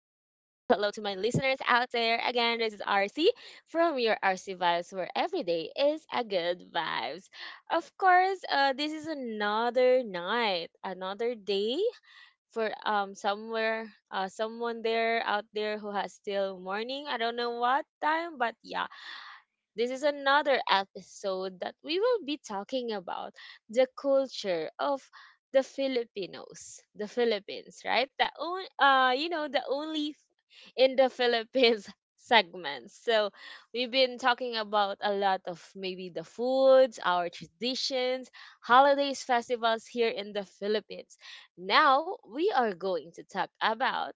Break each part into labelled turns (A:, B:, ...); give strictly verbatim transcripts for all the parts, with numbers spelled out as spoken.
A: my listeners out there. Again, this is R C from your R C Vibes, where every day is a good vibes. Of course, uh, this is another night, another day for um somewhere, uh, someone there out there who has still morning. I don't know what time, but yeah, this is another episode that we will be talking about the culture of the Filipinos, the Philippines, right? The own, uh, you know, the only f- in the Philippines segments. So we've been talking about a lot of maybe the foods, our traditions, holidays, festivals here in the Philippines. Now we are going to talk about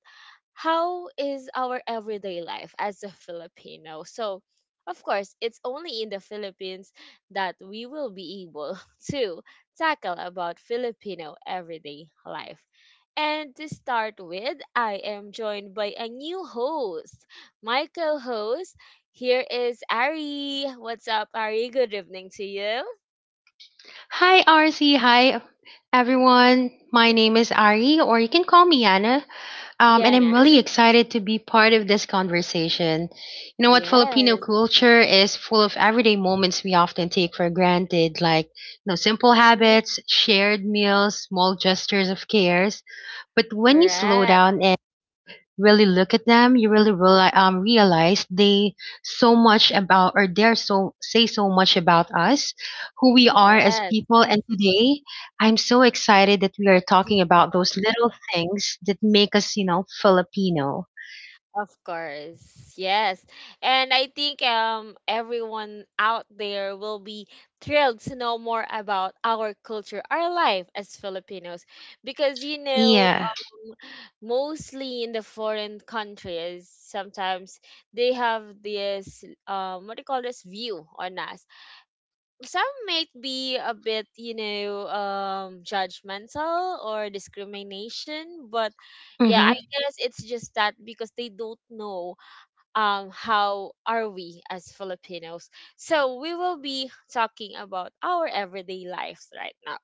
A: how is our everyday life as a Filipino? So, of course, it's only in the Philippines that we will be able to tackle about Filipino everyday life. And to start with, I am joined by a new host, my co-host. Here is Ari. What's up, Ari? Good evening to you.
B: Hi, R C. Hi, everyone. My name is Ari, or you can call me Anna. Um, and
A: Yeah.
B: I'm really excited to be part of this conversation. You know what? Filipino
A: Yes.
B: culture is full of everyday moments we often take for granted, like you know, simple
A: Hmm.
B: habits, shared meals, small gestures of cares. But when you slow
A: Correct.
B: down really look at them, you really reali um, realize they so much about or they're so say so much about us, who we are as
A: Yes.
B: people. And today, I'm so excited that we are talking about those little things that make us, you know, Filipino.
A: Of course, yes. And I think um everyone out there will be thrilled to know more about our culture, our life as Filipinos because you know,
B: Yeah.
A: um, mostly in the foreign countries sometimes they have this um what do you call this view on us. Some might be a bit, you know, um judgmental or discrimination, but yeah, I
B: Mm-hmm.
A: guess it's just that because they don't know um, how are we as Filipinos? So we will be talking about our everyday lives right now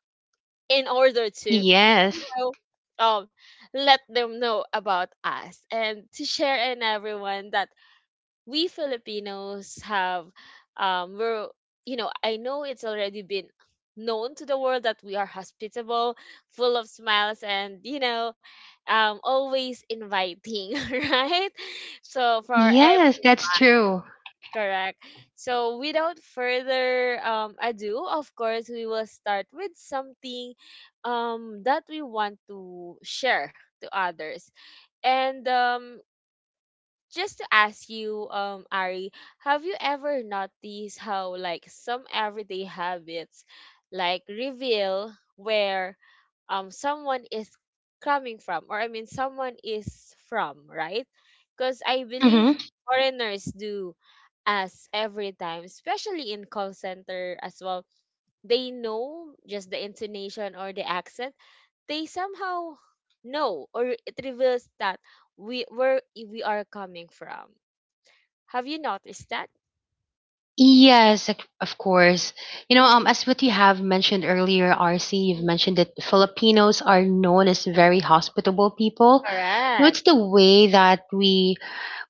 A: in order to, you
B: Yes.
A: know, um, let them know about us and to share in everyone that we Filipinos have, um, we're, you know, I know it's already been known to the world that we are hospitable, full of smiles, and you know, um, always inviting, right? So for our
B: Yes, that's true.
A: correct. So, without further um, ado, of course, we will start with something um, that we want to share to others. And um, just to ask you, um, Ari, have you ever noticed how like some everyday habits like reveal where um someone is coming from, or I mean someone is from, right? Because I believe
B: Hmm.
A: foreigners do us every time, especially in call center as well. They know just the intonation or the accent. They somehow know, or it reveals that we where we are coming from. Have you noticed that?
B: Yes, of of course. You know, um,
A: Mm-hmm.
B: as what you have mentioned earlier, R C, you've mentioned that
A: Mm.
B: Filipinos are known as very hospitable people. No, it's
A: Correct.
B: the way that we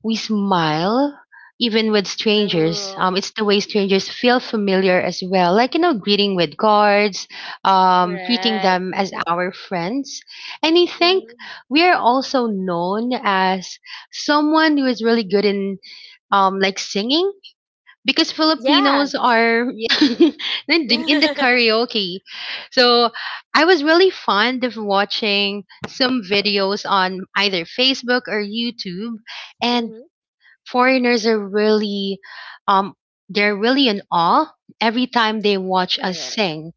B: we smile even with strangers.
A: Blue.
B: Um, it's the way strangers feel familiar as well. Like you know, greeting with cards, um, treating
A: Correct.
B: them as our friends. And I think
A: Mm-hmm.
B: we are also known as someone who is really good in um like singing because Filipinos
A: Yes.
B: are in the in the karaoke. So I was really fond of watching some videos on either Facebook or YouTube, and
A: Mm-hmm.
B: foreigners are really, um, they're really in awe every time they watch us
A: Correct.
B: sing.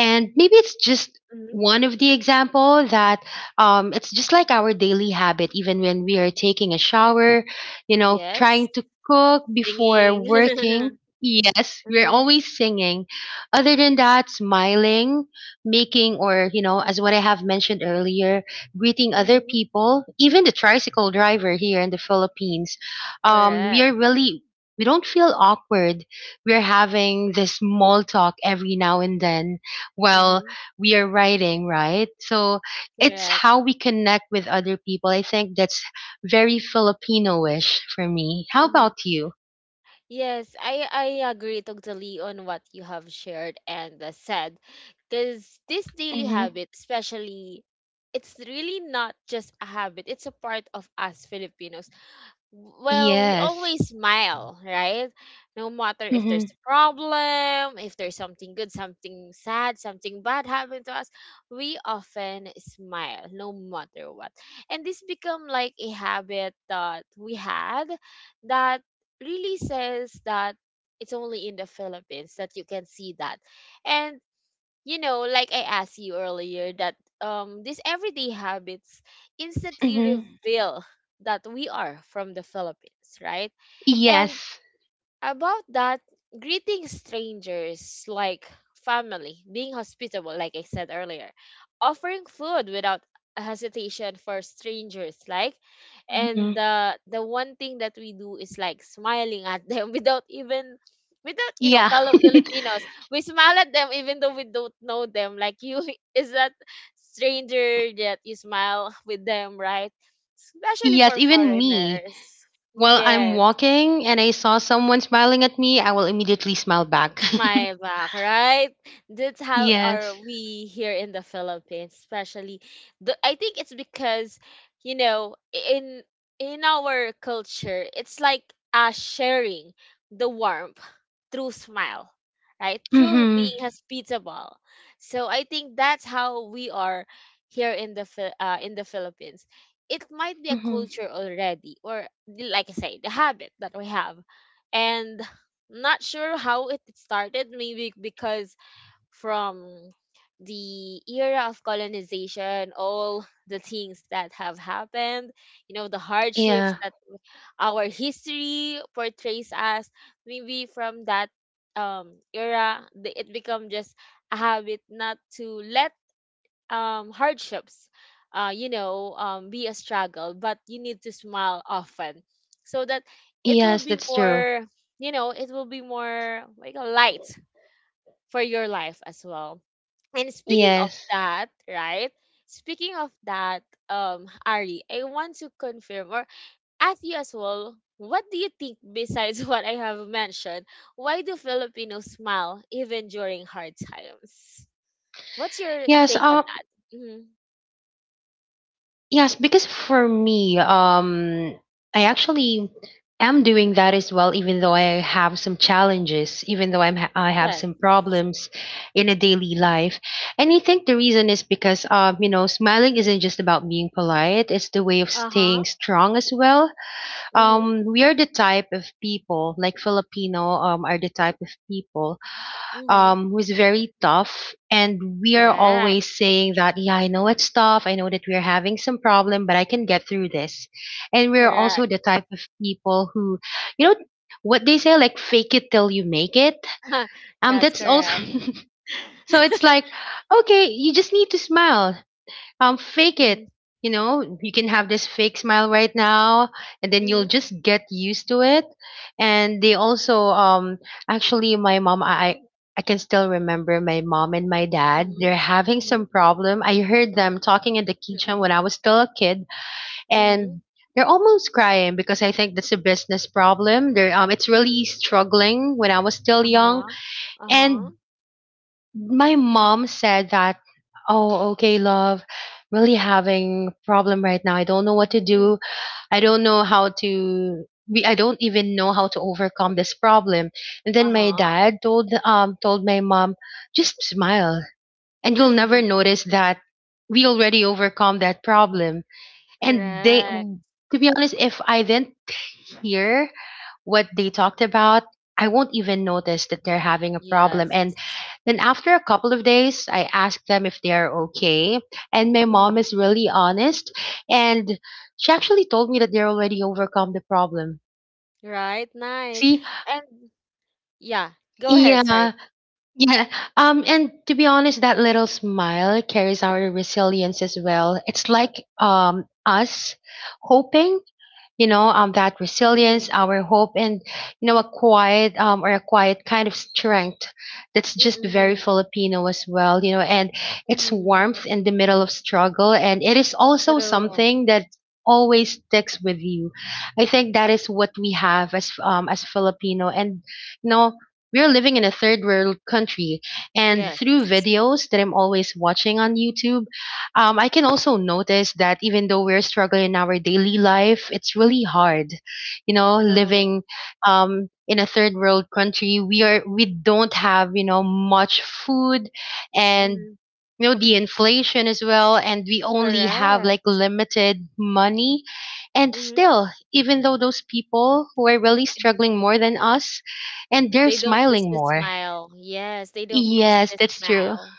B: And maybe it's just
A: Mm-hmm.
B: one of the example that um, it's just like our daily habit, even when we are taking a shower, you know, trying
A: Yes.
B: to cook before
A: Singing.
B: working. Yes, we're
A: Mm-hmm.
B: always singing. Other than that, smiling, making, or, you know, as what I have mentioned earlier, greeting other
A: Mm-hmm.
B: people, even the tricycle driver here in the Philippines. Um, we
A: Correct.
B: are really, we don't feel awkward. We're having this small talk every now and then well
A: Mm-hmm.
B: we are writing, right? So it's
A: Correct.
B: how we connect with other people. I think that's very filipino-ish for me. How
A: Mm-hmm.
B: about you?
A: Yes, I I agree totally on what you have shared and uh, said, because this daily
B: Hmm.
A: habit, especially, it's really not just a habit; it's a part of us Filipinos. Well, we
B: Yes.
A: always smile, right? No matter if there's
B: Hmm.
A: a problem, if there's something good, something sad, something bad happened to us, we often smile no matter what. And this become like a habit that we had that really says that it's only in the Philippines that you can see that. And you know, like I asked you earlier, that um these everyday habits instantly
B: Hmm.
A: reveal that we are from the Philippines, right? And
B: Yes.
A: about that, greeting strangers like family, being hospitable like I said earlier, offering food without hesitation for strangers, like, and
B: Hmm.
A: the the one thing that we do is like smiling at them without even, without you know,
B: Yeah.
A: fellow Filipinos, we smile at them even though we don't know them like you. Is that stranger that you smile with them, right? Especially
B: Yes,
A: for
B: even me,
A: foreigners.
B: while I'm
A: Yes.
B: walking and I saw someone smiling at me, I will immediately smile back.
A: My back, right? That's how are
B: Yes.
A: we here in the Philippines, especially. The, I think it's because, you know, in in our culture, it's like uh, sharing the warmth through smile, right? Through
B: Hmm.
A: being hospitable. So I think that's how we are here in the Phil- uh, in the Philippines. It might be a
B: Hmm.
A: culture already, or like I say, the habit that we have. And not sure how it started, maybe because from the era of colonization, all the things that have happened, you know, the hardships
B: Yeah.
A: that our history portrays us, maybe from that um era the, it become just a habit not to let um hardships uh you know um be a struggle, but you need to smile often so that it will
B: Yes,
A: be
B: that's true.
A: more, you know, it will be more like a light for your life as well. And speaking of
B: Yes.
A: that, right, speaking of that, um Ari, I want to confirm or ask you as well, what do you think, besides what I have mentioned, why do Filipinos smile even during hard times? What's your
B: yes
A: take on
B: uh,
A: that? Hmm.
B: Yes, because for me, um, I actually am doing that as well, even though I have some challenges, even though I'm ha- I have
A: Yes.
B: some problems in a daily life. And I think the reason is because, um, you know, smiling isn't just about being polite; it's the way of
A: Uh-huh.
B: staying strong as well.
A: Mhm.
B: Um, we are the type of people, like Filipino, um, are the type of people
A: Mhm.
B: um, who's very tough. And we are
A: Correct.
B: always saying that, yeah, I know it's tough. I know that we're having some problem, but I can get through this. And we're
A: Correct.
B: also the type of people who, you know, what they say, like fake it till you make it. Um,
A: That's
B: that's also
A: correct.
B: so it's like, okay, you just need to smile um fake
A: Mhm.
B: it. You know, you can have this fake smile right now and then you'll
A: Mhm.
B: just get used to it. And they also um actually my mom, i i can still remember my mom and my dad
A: Mhm.
B: they're having
A: Mhm.
B: some problem. I heard them talking in the kitchen
A: Mhm.
B: when I was still a kid,
A: Mhm.
B: and they're almost crying because I think that's a business problem. They're um It's
A: Mhm.
B: really struggling when I was still young.
A: Uh-huh. Uh-huh.
B: And my mom said that, Oh, okay, love. Really having problem right now. I don't know what to
A: Mm.
B: do. I don't know how to we I don't even know how to overcome this problem. And then my
A: Uh-huh.
B: dad told um told my mom, just smile and you'll never notice that we already overcome that problem. And they
A: Correct.
B: to be honest, if I didn't hear what they talked about, I won't even notice that they're having a problem.
A: Yes.
B: And then after a couple of days, I ask them if they are okay. And my mom
A: Mhm.
B: is really honest. And she actually told me that they're already overcome the problem.
A: Right. Nice.
B: See?
A: And yeah, go ahead. Sorry.
B: Yeah. Yeah. Um, and to be honest, that little smile carries our resilience as well. It's like um us hoping, you know, um that
A: Mhm.
B: resilience, our hope, and you know a quiet um or a quiet kind of strength, that's just very
A: Mhm.
B: filipino as well, you know. And it's
A: Mhm.
B: warmth in the middle of struggle and it is also
A: True.
B: something that always sticks with you. I think that is what we have as um as filipino. And you know, we're living in a third world country, and
A: Yes.
B: through videos that I'm always watching on YouTube, um, I can also notice that even though we're struggling in our daily life, it's really hard. You know,
A: True.
B: living um, in a third world country, we are we don't have you know much food, and
A: Mhm.
B: you know the inflation as well, and we only have
A: Correct.
B: like limited money. And
A: Mhm.
B: still, even though those people who are really struggling more than us, and they're
A: They don't lose
B: smiling
A: the
B: more.
A: smile. Yes, they don't lose
B: Yes,
A: the
B: that's true.
A: smile,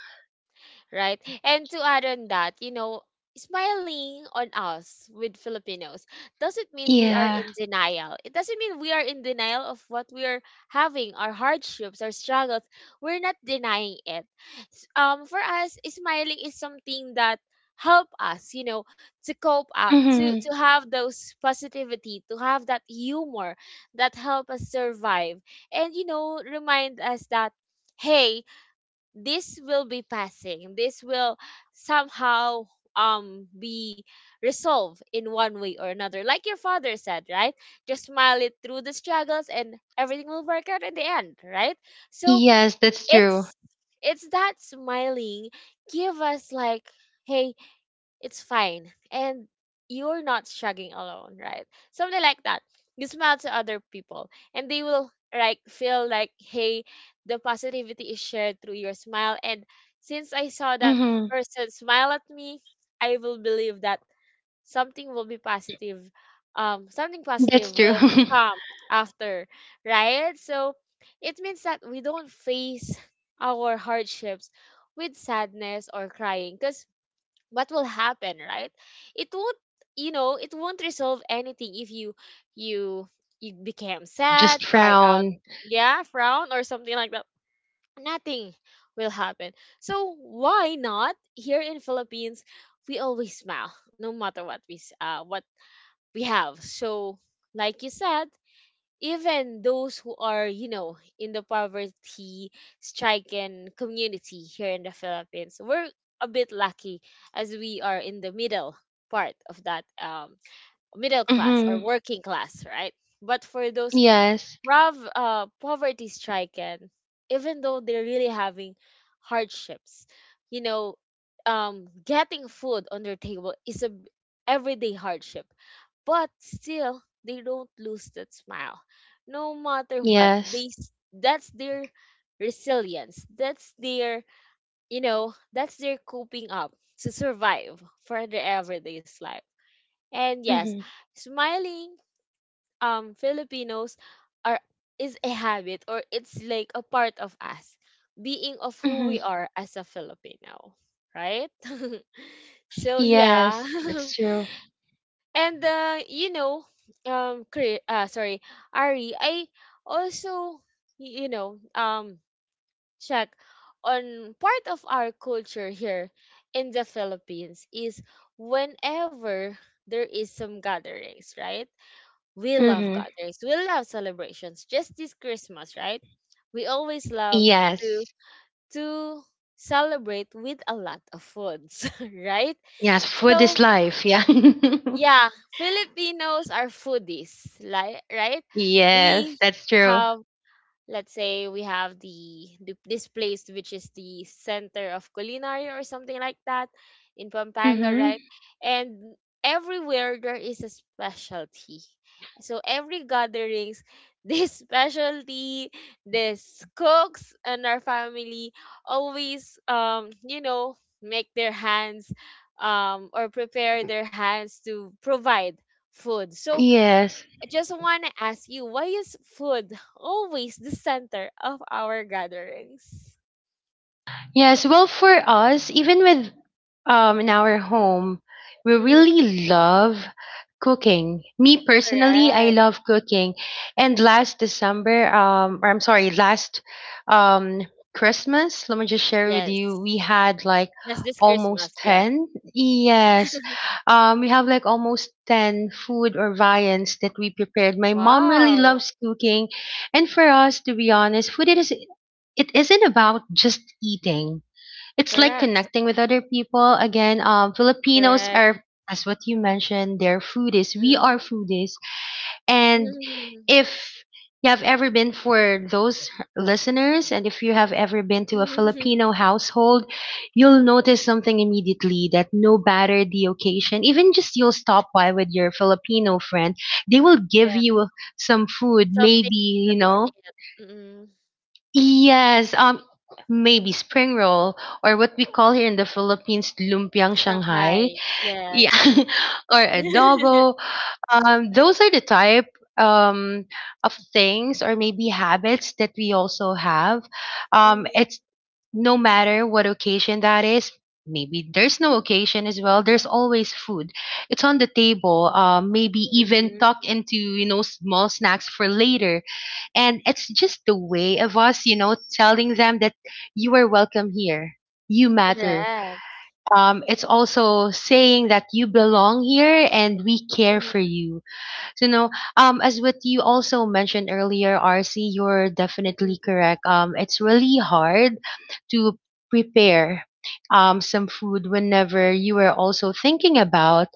A: right? And to add on that, you know, smiling on us with Filipinos doesn't mean we are
B: Yeah.
A: in denial. It doesn't mean we are in denial of what we are having, our hardships, our struggles. We're not denying it. S- Um, for us, smiling is something that help us, you know, to cope up, to
B: Hmm.
A: to have those positivity, to have that humor that help us survive, and you know, remind us that hey, this will be passing, this will somehow um be resolved in one way or another like your father said, right? Just smile it through the struggles and everything will work out in the end, right? So
B: Yes, that's true.
A: it's it's that smiling give us like, hey, it's fine and you're not struggling alone, right? Something like that. You smile to other people and they will like feel like, hey, the positivity is shared through your smile. And since I saw that
B: Mhm.
A: person smile at me, I will believe that something will be positive, um something
B: That's
A: positive
B: true.
A: will come after, right? So it means that we don't face our hardships with sadness or crying, because what will happen, right? It won't, you know, it won't resolve anything if you you you became
B: Just
A: sad, cry out,
B: frown.
A: yeah, frown or something like that. Nothing will happen. So why not? Here in Philippines we always smile no matter what we s- uh, what we have. So like you said, even those who are, you know, in the poverty stricken community here in the Philippines, we're a bit lucky as we are in the middle part of that um, middle class or
B: Mhm.
A: working class, right? But for those
B: Yes.
A: rav, uh, poverty stricken, even though they're really having hardships, you know, um, getting food on their table is a b- everyday hardship, but still they don't lose that smile no matter what they
B: Yes.
A: s- that's their resilience, that's their, you know, that's their coping up to survive for their everyday's life. And yes,
B: Mhm.
A: smiling um Filipinos are is a habit, or it's like a part of us being, of who
B: Mhm.
A: we are as a Filipino, right? So yeah.
B: Yes. That's true.
A: And uh, you know, um, Chri- uh, sorry, Ari, I also y- you know, um check on part of our culture here in the Philippines is whenever there is some gatherings, right? We love
B: Mhm.
A: gatherings. We love celebrations. Just this Christmas, right? We always love to
B: Yes.
A: to celebrate with a lot of foods, right?
B: Yes, food
A: So
B: is life. Yeah.
A: yeah, Filipinos are foodies, like, right?
B: Yes,
A: We
B: that's true.
A: have, let's say we have the, the this place which is the center of culinary or something like that in Pampanga,
B: Mhm.
A: right? And everywhere there is a specialty. So every gatherings, this specialty, this cooks and our family always um you know make their hands um or prepare their hands to provide food. So
B: Yes.
A: I just want to ask you, why is food always the center of our gatherings?
B: Yes, well, for us, even with um in our home, we
A: Mm,
B: really love cooking. Me personally, I
A: correct.
B: love cooking. And last December, um, or I'm sorry, last um Christmas, let me just share with you,
A: Yes.
B: we had like
A: Just this
B: almost
A: Christmas, yeah.
B: ten. Yes. Um, we have like almost ten food or viands that we prepared. My mom really
A: Wow.
B: loves cooking. And for us, to be honest, food it is it isn't about just eating, it's like
A: Correct.
B: connecting with other people. Again, um filipinos
A: Correct.
B: are, as what you mentioned, they're foodies, we are
A: Mm-hmm.
B: foodies. And if you have ever been for those listeners, and if you have ever been to a filipino household, you'll
A: Hmm.
B: notice something immediately that no matter the occasion, even just you'll stop by with your filipino friend, they will give
A: Yeah.
B: you some food.
A: Something,
B: Maybe, you
A: something to
B: know,
A: eat. Mm.
B: yes, um, maybe spring roll or what we call here in the Philippines lumpiang Shanghai.
A: Shanghai.
B: Yeah,
A: Yes.
B: or adobo. Um, those are the type um of things or maybe habits that we also have. Um,
A: Mhm,
B: it's no matter what occasion that is. Maybe there's no occasion as well. There's always food. It's on the table. Um, maybe
A: mhm.
B: even tuck into you know small snacks for later, and it's just the way of us, you know, telling them that you are welcome here. You matter.
A: Correct.
B: Um, it's also saying that you belong here and we care for
A: Mm-hmm.
B: you. So you know, um, as what you also mentioned earlier, R C, you're
A: Mm-hmm.
B: definitely correct. Um, it's really hard to prepare um some food whenever you are also thinking about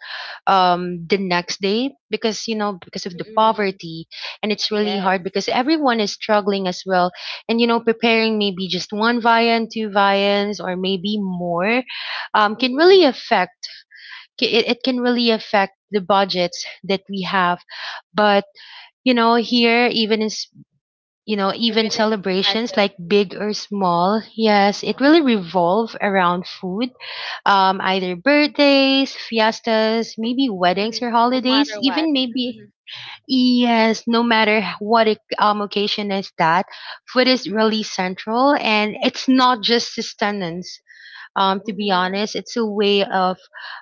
B: um the next day, because you know because of the
A: Mm-hmm.
B: poverty. And it's really
A: Yes.
B: hard because everyone is struggling as well. And you know preparing maybe just one viand, two viands, or maybe more, um, can really
A: Mm-mm.
B: affect ca- it, it can really affect the budgets that we have. But you know here, even in s- you know even
A: Even if it's a
B: celebrations
A: budget.
B: like big or small, yes it really
A: Mhm,
B: revolve around food, um either birthdays, fiestas, maybe weddings,
A: mhm.
B: or
A: No
B: holidays,
A: matter what.
B: even maybe,
A: Mhm,
B: yes, no matter what it, um occasion is that food is really central. And it's not just sustenance, um, to be
A: mhm,
B: honest. It's a way of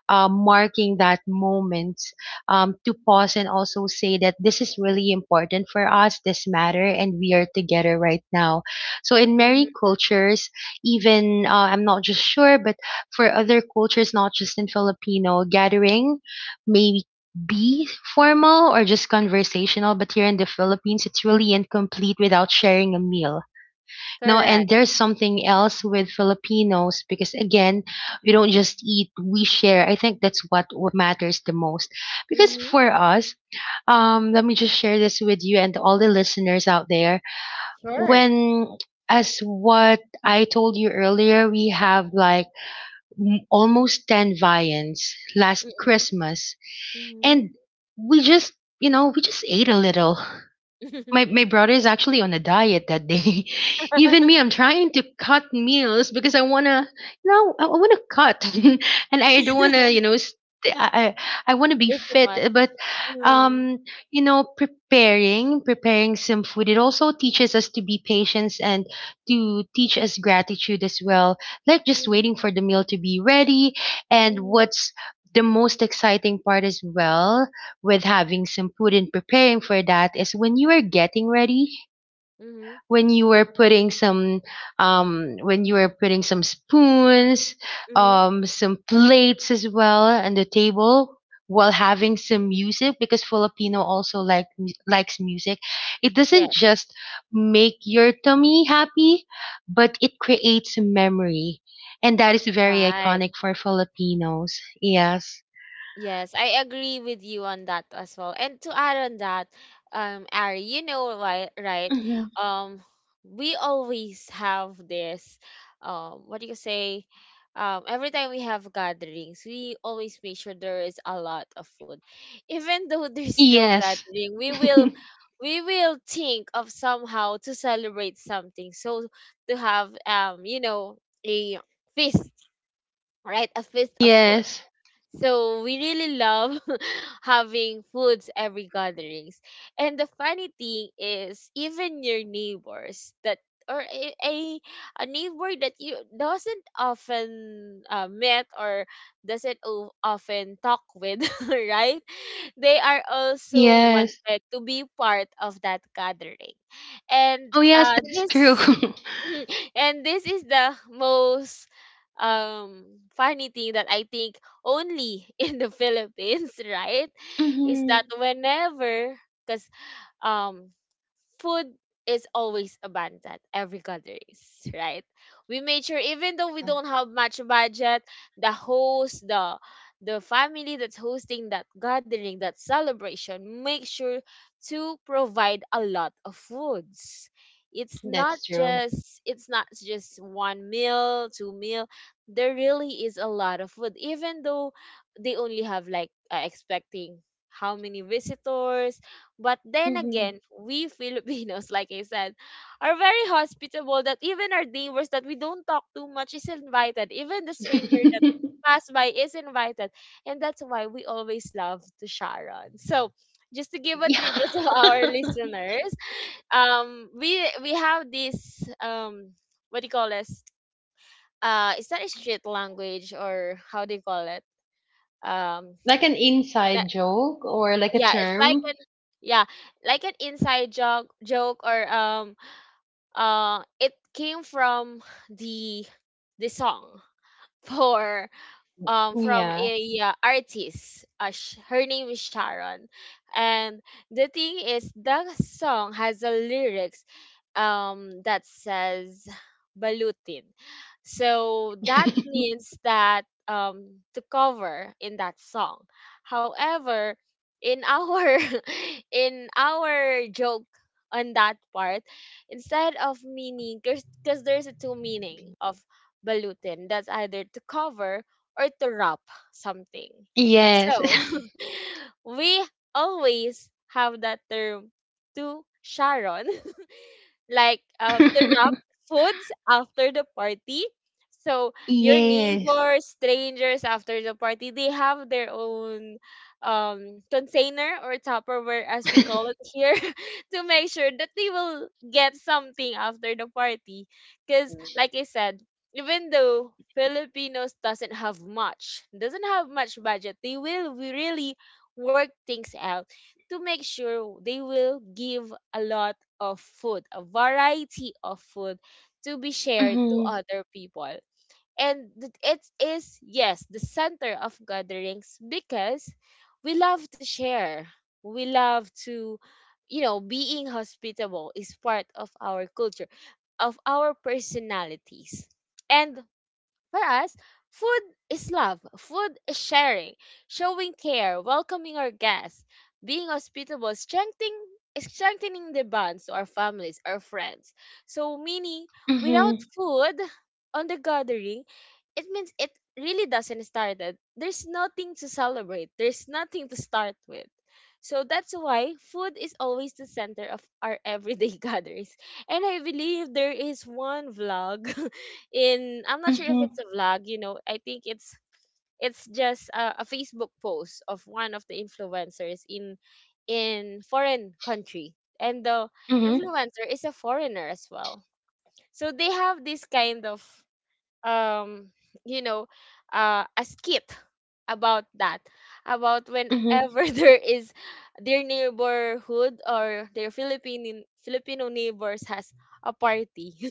B: uh, marking that moment, um, to pause and also say that this is really important for us, this matter, and we are together right now. So in
A: mhm.
B: many cultures, even uh, I'm not just sure, but for other cultures, not just in Filipino, gathering may be formal or just conversational, but here in the Philippines, it's really incomplete without sharing a meal. No, and
A: Correct.
B: there's something else with Filipinos because again, we don't just eat, we share. I think that's what what matters the most. Because
A: Mhm.
B: for us, um, let me just share this with you and all the listeners out there.
A: Sure.
B: When as what I told you earlier, we have like m- almost ten viands last
A: Mhm,
B: Christmas. And
A: mhm.
B: we just, you know, we just ate a little. My my brother is actually on a diet that day. Even me, I'm trying to cut meals because I wanna, you know, I, I wanna cut, and I don't wanna, you know, st- I I, I wanna be
A: It's too much.
B: fit. But,
A: Mhm,
B: um, you know, preparing preparing some food it also teaches us to be patient and to teach us gratitude as well. Like just waiting
A: mhm,
B: for the meal to be ready, and
A: mhm,
B: what's the most exciting part as well with having some food and preparing for that is when you are getting ready,
A: mhm,
B: when you were putting some um when you were putting some spoons,
A: mhm.
B: um some plates as well on the table while having some music, because Filipino also like mu- likes music. It doesn't
A: Yes.
B: just make your tummy happy, but it creates a memory, and that is very
A: Right.
B: iconic for Filipinos. Yes.
A: Yes, I agree with you on that as well. And to add on that, um, Ari, you know why, right?
B: Hmm.
A: Um, we always have this, um, what do you say? Um, every time we have gatherings, we always make sure there is a lot of food. Even though there's no
B: Yes.
A: gathering, we will we will think of somehow to celebrate something. So to have um, you know, a feast, right? A feast of food.
B: Yes.
A: So we really love having foods every gatherings. And the funny thing is even your neighbors that or a, a, a neighbor that you doesn't often uh, met or doesn't o- often talk with right, they are also
B: Yes.
A: wanted to be part of that gathering and
B: Oh, yes,
A: uh,
B: that's true.
A: this and this is the most um funny thing that I think only in the Philippines, right? Is that
B: Hmm.
A: whenever because um food is always abundant every gatherings, right? We made sure even though we don't have much budget, the host, the the family that's hosting that gathering, that celebration, make sure to provide a lot of foods. It's not
B: That's true.
A: just it's not just one meal, two meal. There really is a lot of food. Even though they only have like uh, expecting how many visitors, but then
B: Hmm.
A: again, we Filipinos, like I said, are very hospitable that even our neighbors that we don't talk too much is invited. Even the stranger that passed by is invited. And that's why we always love to Sharon. So just to give a
B: Yeah.
A: trivia to our listeners, um, we we have this um what do you call this? Uh, is that a street language or how do you call it? Um
B: Like an inside joke or like a
A: Yeah, it's like an,
B: term.
A: yeah, like an inside joke joke or um uh it came from the the song for um from
B: Yeah.
A: a uh, artist. Uh, sh- her name is Sharon, and the thing is, the song has a lyrics um that says balutin. So that means that um to cover in that song. However, in our in our joke on that part, instead of meaning, because there's a two meaning of balutin. That's either to cover or to wrap something.
B: Yes.
A: So we always have that term to Sharon, like um, turn up foods after the party. So your
B: Yes.
A: neighbors, strangers after the party, they have their own um, container or Tupperware, as we call it here, to make sure that they will get something after the party. Because, like I said, even though Filipinos doesn't have much, doesn't have much budget, they will really work things out to make sure they will give a lot of food, a variety of food to be shared to
B: Hmm.
A: other people. And th- it is, yes, the center of gatherings because we love to share. We love to, you know, being hospitable is part of our culture, of our personalities. And for us, food is love, food is sharing, showing care, welcoming our guests, being hospitable, strengthening strengthening the bonds to our families, our friends. So meaning without
B: Hmm.
A: food on the gathering, it means it really doesn't start it. There's nothing to celebrate. There's nothing to start with. So that's why food is always the center of our everyday gatherings. And I believe there is one vlog in, I'm not sure if
B: Hmm.
A: it's a vlog, you know, I think it's it's just a, a Facebook post of one of the influencers in in foreign country. And the
B: Hmm.
A: influencer is a foreigner as well. So they have this kind of um you know uh a skit about that, about
B: Hmm.
A: whenever there is their neighborhood or their Philippine Filipino neighbors has a party.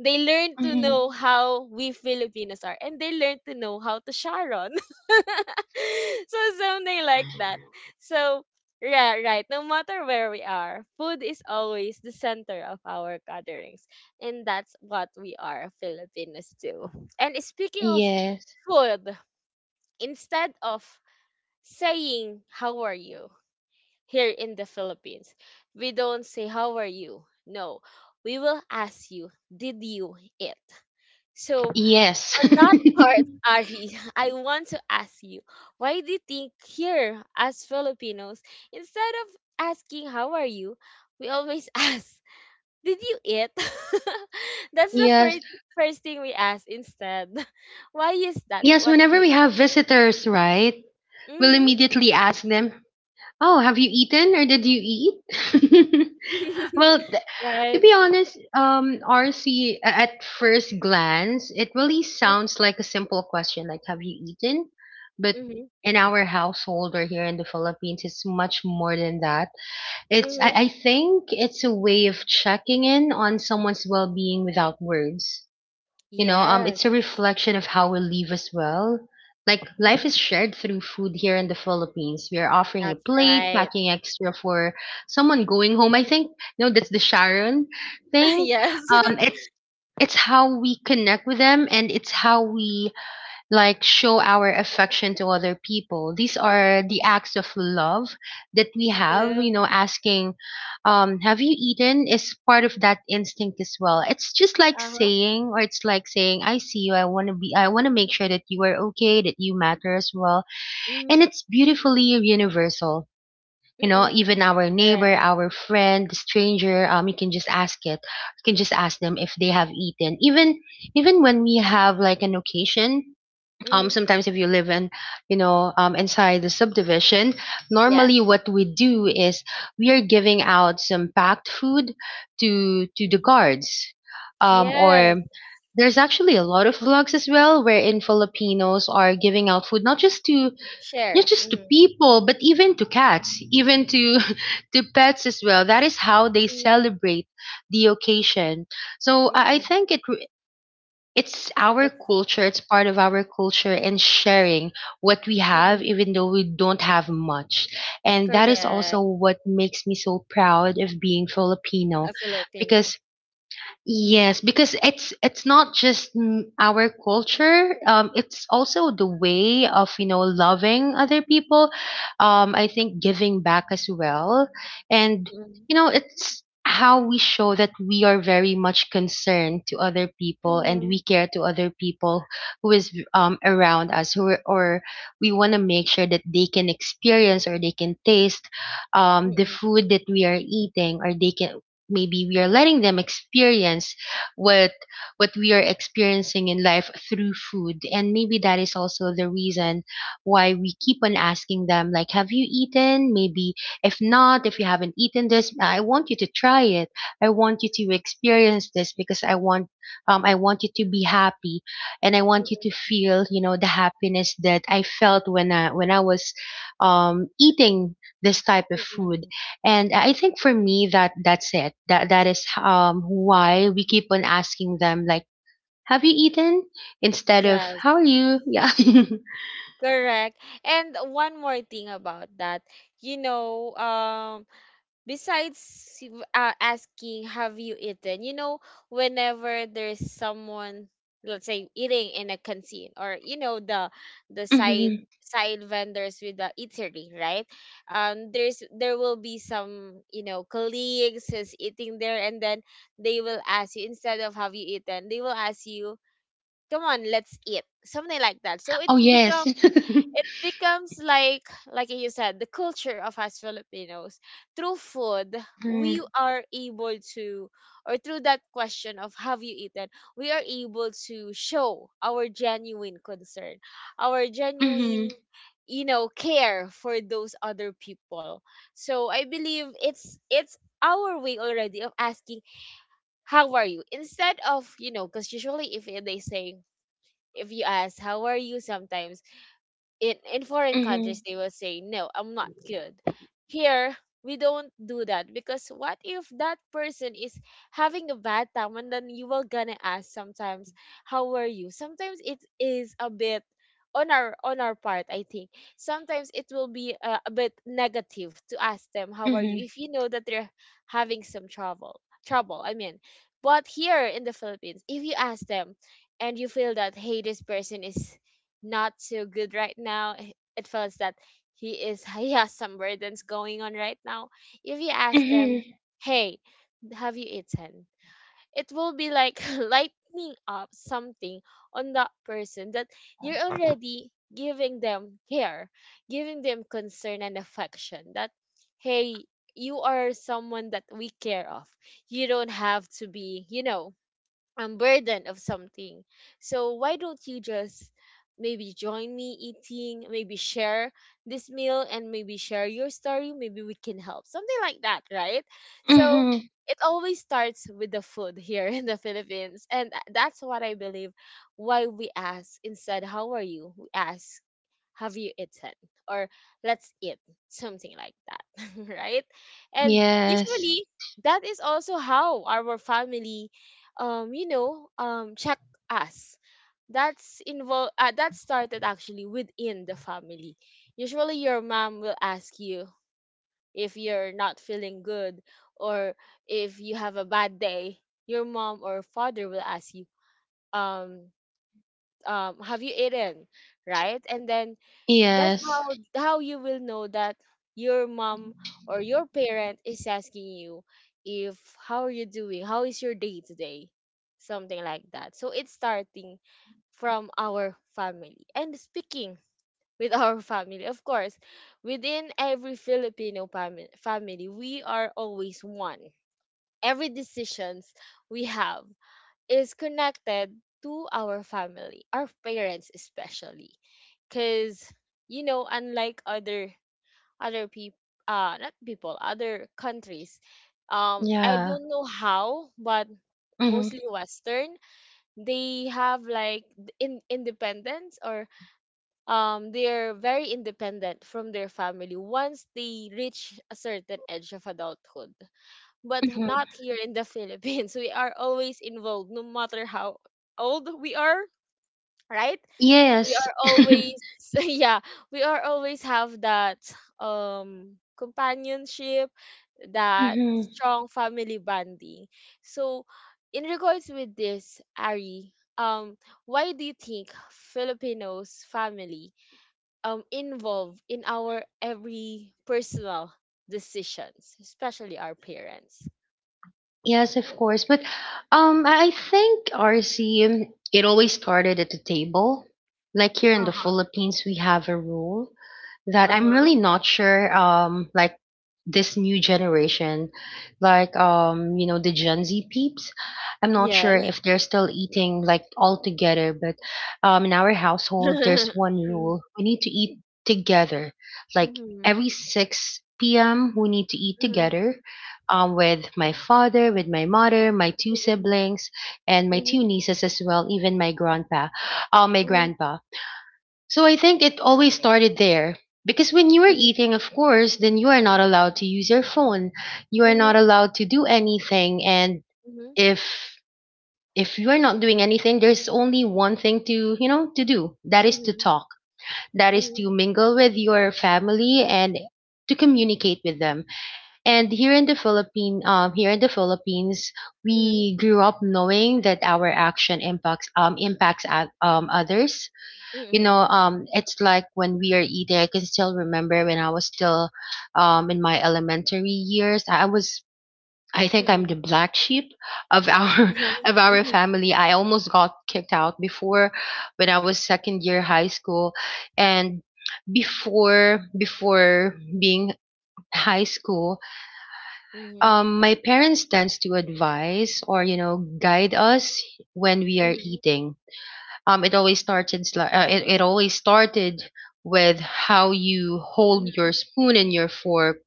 A: They learn to
B: Hmm.
A: know how we Filipinos are, and they learn to know how to Sharon. So something like that. So yeah, right. No matter where we are, food is always the center of our gatherings, and that's what we are Filipinos too. And speaking of
B: Yes.
A: food, instead of saying how are you here in the Philippines, we don't say how are you. No, we will ask you, did you eat? So,
B: Yes.
A: on that part, Ari, I want to ask you, why do you think here, as Filipinos, instead of asking how are you, we always ask, did you eat? That's the
B: Yes.
A: first first thing we ask instead. Why is that?
B: Yes,
A: What do
B: whenever
A: you
B: we have visitors, right? We'll
A: Mm-hmm.
B: immediately ask them, "Oh, have you eaten or did you eat?" Well, th- to
A: Right.
B: be honest, um, R C, at first glance, it really sounds like a simple question like, "Have you eaten?" But
A: Mm-hmm.
B: in our household or here in the Philippines, it's much more than that. It's, I,
A: Mm-hmm.
B: I think it's a way of checking in on someone's well being without words. You know, um,
A: Yes.
B: it's a reflection of how we live as well. Like,
A: Mhm.
B: life is shared through food here in the Philippines. We are offering a
A: That's
B: plate,
A: right.
B: packing extra for someone going home. I think, no, that's the Sharon thing.
A: Yes.
B: Um, it's it's how we connect with them, and it's how we, like, show our affection to other people. These are the acts of love that we have, you
A: True.
B: know, asking, um, "Have you eaten?" is part of that instinct as well. It's just like
A: Uh-huh.
B: saying, or it's like saying, "I see you, I wanna be I wanna make sure that you are okay, that you matter as well." And
A: Mm-hmm.
B: it's beautifully universal. You know,
A: Mm-mm.
B: even our
A: Correct.
B: neighbor, our friend, the stranger, um, you can just ask it. You can just ask them if they have eaten. Even even when we have like an occasion, um,
A: Mm-hmm.
B: sometimes if you live in, you know um, inside the subdivision,
A: Yes.
B: normally what we do is we are giving out some packed food to to the guards, um,
A: Yes,
B: or there's actually a lot of vlogs as well wherein Filipinos are giving out food, not just to not
A: share.
B: just to
A: Mm,
B: people but even to cats, even to to pets as well. That is how they
A: mm,
B: celebrate the occasion. So I I
A: mm,
B: think it it's our
A: it's
B: culture, it's part of our culture, and sharing what we have
A: mm,
B: even though we don't have much, and that is also
A: correct.
B: what makes me so proud of being Filipino.
A: A Filipino.
B: Because, yes, because it's it's not just, mm, our culture. Um, it's also the way of, you know loving other people. Um, I think giving back as well, and
A: Mm,
B: you know it's how we show that we are very much concerned to other people, and we
A: mm,
B: care to other people who is um around us, who are, or we want to make sure that they can experience or they can taste um the
A: mm,
B: food that we are eating, or they can maybe we are letting them experience what what we are experiencing in life through food. And maybe that is also the reason why we keep on asking them like, "Have you eaten?" Maybe, if not, if you
A: mm,
B: haven't eaten this, I want you to try it. I want you to experience this because i want um, I want you to be happy, and I want you to feel, you know the happiness that I felt when i when i was, um, eating this type of
A: mm,
B: food.
A: mm.
B: And I think for me, that that's it. That that is um why we keep on asking them like, "Have you eaten?" instead of
A: Yes,
B: "How are you?" Yeah.
A: correct. And one more thing about that, you know, um. Besides uh, asking have you eaten, you know, whenever there's someone, let's say, eating in a canteen or, you know, the the side
B: Hmm.
A: side vendors with the eatery, right, um there's there will be some, you know, colleagues who's eating there, and then they will ask you, instead of have you eaten, they will ask you, come on, let's eat, something like that, so
B: Oh,
A: it's become
B: yes.
A: it becomes like like you said, the culture of us Filipinos, through food,
B: Hmm.
A: we are able to or through that question of have you eaten, we are able to show our genuine concern, our
B: Hmm.
A: genuine, you know, care for those other people. So I believe it's it's our way already of asking how are you, instead of, you know, because usually if they say, if you ask how are you sometimes in in foreign countries,
B: Hmm.
A: they will say no, I'm not good. Here we don't do that, because what if that person is having a bad time, and then you will gonna ask sometimes how were you, sometimes it is a bit on our on our part, I think sometimes it will be uh, a bit negative to ask them how are you
B: Hmm.
A: if you know that they're having some trouble trouble, I mean, but here in the Philippines if you ask them and you feel that, hey, this person is not so good right now. H- It feels that he is he has some burdens going on right now. If you ask them,
B: Hmm.
A: "Hey, have you eaten?" It will be like lightening up something on that person, that you're already giving them care, giving them concern and affection. That hey, you are someone that we care of. You don't have to be, you know, um, burden of something. So why don't you just maybe join me eating, maybe share this meal and maybe share your story, maybe we can help. Something like that, right? So
B: Hmm.
A: it always starts with the food here in the Philippines. And that's what I believe why we ask instead, how are you? We ask, have you eaten? Or let's eat, something like that, right? And
B: Yes.
A: usually that is also how our family, um, you know, um, check us. That's involved. Uh, that started actually within the family. Usually, your mom will ask you if you're not feeling good, or if you have a bad day. Your mom or father will ask you, um, um, have you eaten, right? And then that's how
B: Yes.
A: how you will know that your mom or your parent is asking you if how are you doing, how is your day today, something like that. So it's starting from our family. And speaking with our family, of course, within every Filipino fami- family, we are always one. Every decisions we have is connected to our family, our parents especially. Cause you know, unlike other other people, uh not people, other countries, um I
B: Yeah.
A: don't know how, but
B: Hmm.
A: mostly Western, they have like th- in independence, or um they're very independent from their family once they reach a certain age of adulthood, but
B: Hmm.
A: not here in the Philippines. We are always involved, no matter how old we are, right? We
B: Yes.
A: are always, yeah, we are always have that um companionship, that strong family bonding. So, in regards with this, Ari, um, why do you think Filipinos family um involve in our every personal decisions, especially our parents?
B: Yes, of course. But, um, I I think, R C, um, it always started at the table. Like, here in the Philippines, we have a rule that I'm
A: Uh-huh.
B: really not sure, um like, this new generation, like, um you know the Gen Z peeps, I'm not sure
A: Yes.
B: if they're still eating like all together. But, um in our household, there's one
A: Mm.
B: rule: we need to eat together, like,
A: Mhm.
B: every six p m we need to eat
A: Mhm.
B: together, um with my father, with my mother, my two
A: Mm-mm.
B: siblings, and my
A: Mhm.
B: two nieces as well, even my grandpa, uh, my
A: Mhm.
B: grandpa So I think it always started there. Because when you are
A: Mhm. Mhm.
B: eating, of course, then you are not allowed to use your phone. You are not allowed to do anything. And if if you are not doing anything, there's only one thing to, you know, to do. That is to
A: Mhm.
B: talk. That is
A: Mhm.
B: to mingle with your family and to communicate with them. And here in the Philippine, um, here in the Philippines,
A: Mhm.
B: we grew up knowing that our action impacts, um, impacts o- um, others. You know, um it's like when we are eating, I can still remember when I was still, um in my elementary years. I was I think I'm the black sheep of our of our family. I almost got kicked out before when I was second year high school. And before before being high school, um my parents tends to advise or, you know guide us when we are
A: Mhm.
B: eating. um, it always starts in sli- uh, it, it always started with how you hold your spoon and your fork,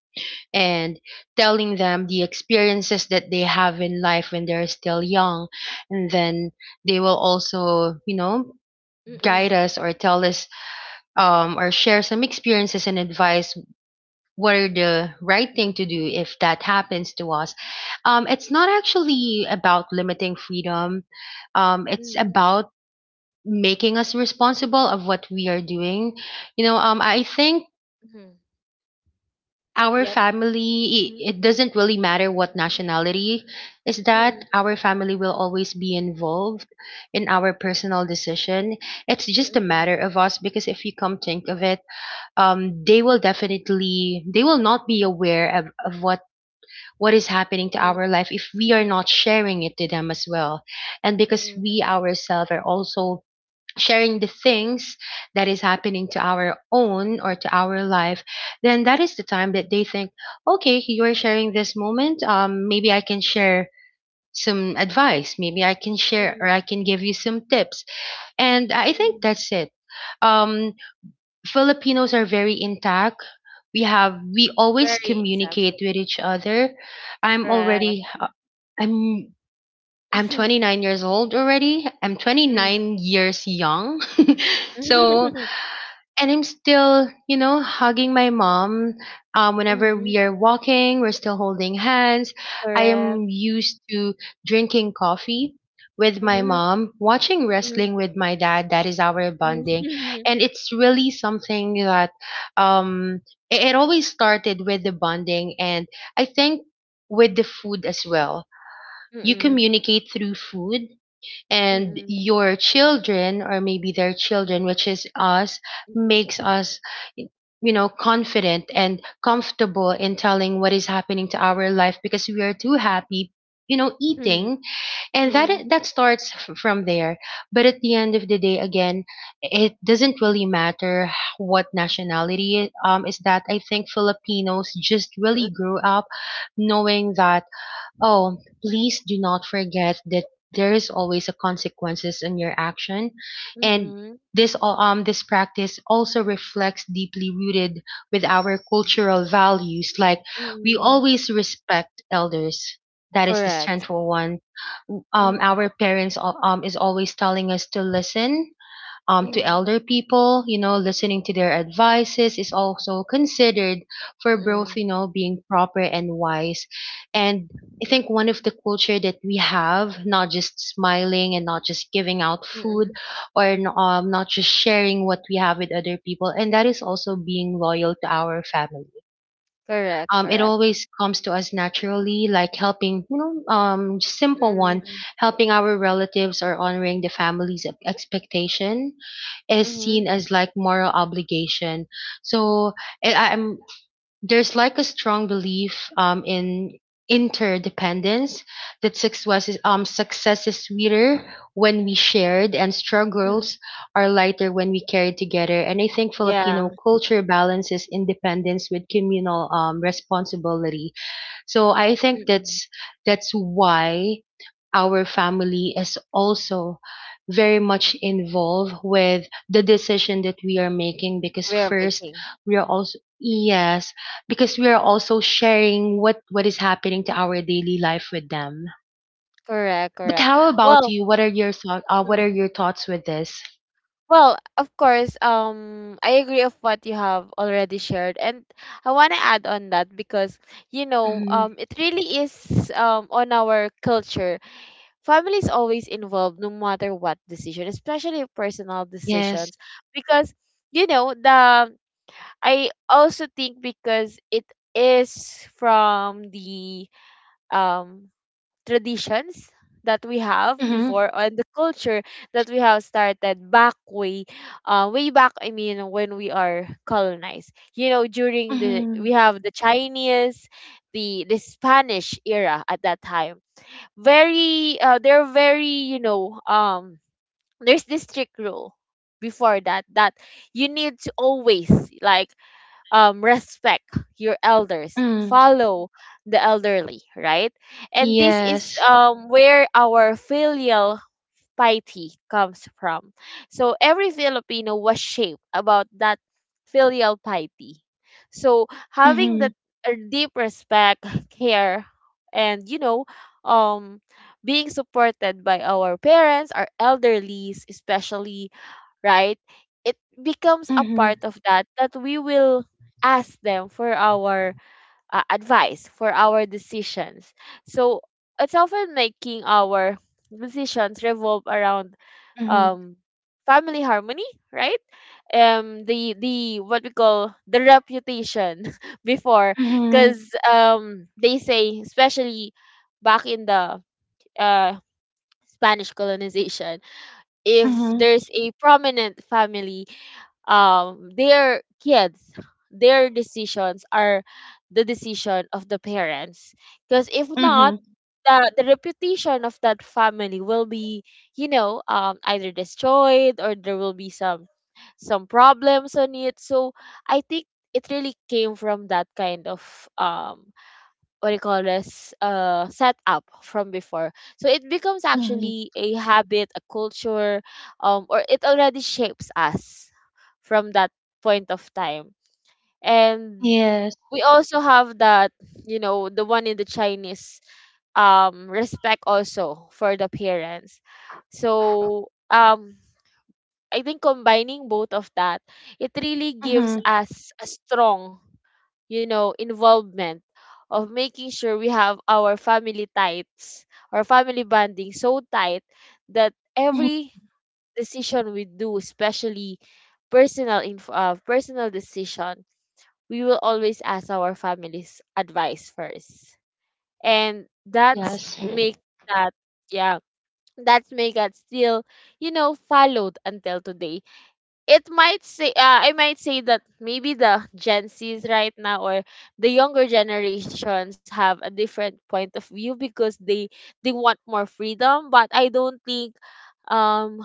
B: and telling them the experiences that they have in life when they're still young. And then they will also, you know guide
A: Mm-mm.
B: us or tell us, um, or share some experiences and advice, what are the right thing to do if that happens to us. Um, it's not actually about limiting freedom. Um, it's about making us responsible of what we are doing. You know, um, I think
A: Mm-mm.
B: our
A: Yeah.
B: family,
A: Mhm.
B: it, it doesn't really matter what nationality is
A: Mhm.
B: that, our family will always be involved in our personal decision. It's
A: Mhm. Yep.
B: just a
A: Mhm. Mm-mm.
B: matter of us. Because if you come think of it, um, they will definitely, they will not be aware of, of what, what is
A: Mm-mm.
B: happening to
A: Mhm. Mhm. Yep.
B: our life if we are not sharing it to them as well. And
A: Hmm. Mhm. Mhm.
B: because
A: Mhm. Mhm.
B: we ourselves are also sharing the things that is happening to our own or to our life, then that is the time that they think, "Okay, you're sharing this moment, um maybe I can share some advice, maybe I can share or I can give you some tips." And
A: Mm,
B: I think
A: mm.
B: that's it. um Filipinos are very intact. We have we always
A: Very exact. Yeah,
B: communicate with each other. i'm
A: correct.
B: already uh, i'm i'm twenty-nine years old already, I'm
A: Mhm.
B: twenty-nine years young. So,
A: Mhm.
B: and I'm still, you know, hugging my mom. Um, whenever
A: Mhm.
B: we are walking, we're still holding hands. I
A: Correct.
B: am used to drinking coffee with my
A: Mhm.
B: mom, watching
A: Mhm.
B: wrestling with my dad. That is our
A: Mhm.
B: bonding,
A: Mhm.
B: and it's really something that, um, it, it always started with the bonding, and I think with the food as well.
A: Mhm.
B: You
A: Mhm.
B: communicate through food, and your children, or maybe their children, which is us, makes
A: Mm,
B: us, you know confident and comfortable in telling what is happening to our life, because we are too happy, you know eating. And that
A: mm,
B: that starts f- from there. But at the end of the day, again, it doesn't really matter what nationality um is that. I think Filipinos just
A: mm,
B: really grew up knowing that, oh, please do not forget that there is always a consequences in your action. And
A: mm,
B: this al- um this practice also reflects deeply rooted with our cultural values. Like, we
A: mm.
B: always respect elders. That is the
A: Correct.
B: central one. Um,
A: Mm,
B: our parents al- um is always telling us to listen, um, to
A: mm,
B: elder people. You know, listening to their advices is also considered for both,
A: mm,
B: you know, being proper and wise. And I think one of the culture that we have, not just smiling and not just giving out food,
A: mm.
B: or n- um, not just sharing what we have with other people, and that is also being loyal to our family.
A: Correct,
B: Um, it
A: correct.
B: always comes to us naturally, like helping, you know, um, simple one,
A: Mm,
B: helping our relatives, or honoring the family's e- expectation is seen
A: mm,
B: as like moral obligation. So, eh, I, I'm there's like a strong belief um in interdependence, that success is um success is sweeter when we shared, and
A: mm.
B: struggles are lighter when we carried together. And I think Filipino
A: Yeah.
B: culture balances independence with communal um responsibility. So I think
A: Mm.
B: that's that's why our family is also very much involved with the decision that we are making. Because
A: We are
B: first,
A: making.
B: we are also yes, because we are also sharing what what is happening to our daily life with them.
A: Correct,
B: But
A: correct.
B: how about
A: Well,
B: you, what are your thoughts uh, what are
A: mm,
B: your thoughts with this?
A: well, of course, um, I agree of what you have already shared, and I want to add on that because, you know, um,
B: Hmm.
A: it really is um on our culture. Family is always involved no matter what decision, especially personal
B: Yes.
A: decisions, because you know the I also think because it is from the um traditions that we have
B: Hmm.
A: before and the culture that we have started back way, uh, way back, I mean, when we are colonized, you know, during the we
B: Hmm.
A: have the Chinese, the the Spanish era at that time, very uh, they're very, you know, um, there's this strict rule before that that you need to always, like, um respect your elders,
B: Mm.
A: follow the elderly, right? And this is
B: Yes.
A: um where our filial piety comes from. So every Filipino was shaped about that filial piety. So having
B: Hmm.
A: that uh, deep respect, care, and, you know, um, being supported by our parents, our elderlies, especially, right? It becomes a
B: Hmm.
A: part of that, that we will ask them for our uh, advice, for our decisions. So it's often making our decisions revolve around
B: Hmm.
A: um family harmony, right? Um the the what we call the reputation before, because
B: Hmm.
A: um they say, especially back in the uh Spanish colonization, if there's a prominent family, um their kids, their decisions are the decision of the parents. Because if not,
B: Hmm.
A: the the reputation of that family will be, you know um either destroyed, or there will be some some problems on it. So I think it really came from that kind of um what do you call this, uh setup from before. So it becomes
B: Mhm.
A: actually a habit, a culture, um or it already shapes us from that point of time. And
B: Yes.
A: we also have that, you know, the one in the Chinese, um respect also for the parents. So um I think combining both of that, it really gives
B: Mhm.
A: us a strong, you know, involvement of making sure we have our family tights or family bonding so tight that
B: Mhm.
A: every decision we do, especially personal inf- uh, personal decision, we will always ask our family's advice first. And that's
B: Yes.
A: make that yeah, that's make that still, you know, followed until today. It might say, uh, I might say that maybe the Gen Zs right now or the younger generations have a different point of view, because they they want more freedom, but I don't think um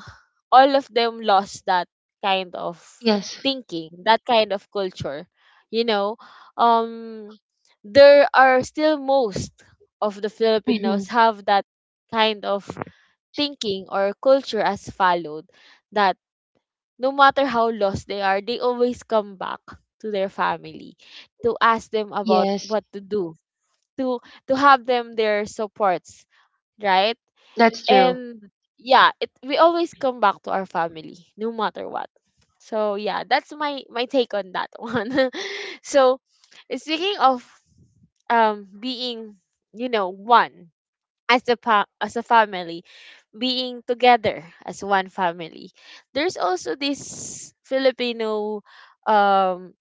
A: all of them lost that kind of
B: Yes.
A: thinking, that kind of culture. You know, um, there are still most of the
B: Mhm.
A: Filipinos have that kind of thinking or culture as followed, that no matter how lost they are, they always come back to their family to ask them about
B: Yes.
A: what to do, to to have them their supports, right?
B: That's true.
A: And yeah it we always come back to our family no matter what. So yeah, that's my my take on that one. So, speaking of um being, you know, one as a pa- as a family, being together as one family, there's also this Filipino um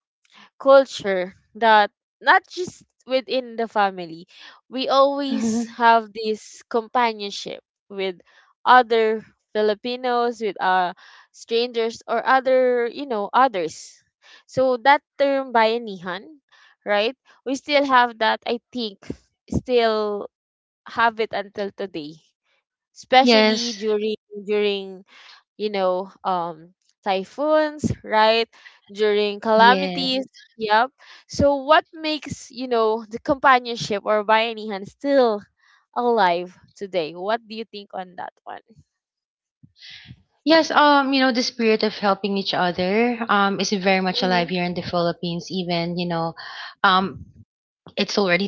A: culture that not just within the family, we
B: Mhm.
A: always have this companionship with other Filipinos, with uh, strangers, or other, you know, others. So that term bayanihan, right? We still have that, I think, still have it until today, especially
B: Yes.
A: during during you know, um, typhoons, right? During
B: Yeah.
A: calamities. Yep. So what makes, you know, the companionship or bayanihan still alive today? What do you think on that one?
B: Yes, um, you know, the spirit of helping each other um is very much alive
A: Mhm,
B: here in the Philippines, even, you know, um it's already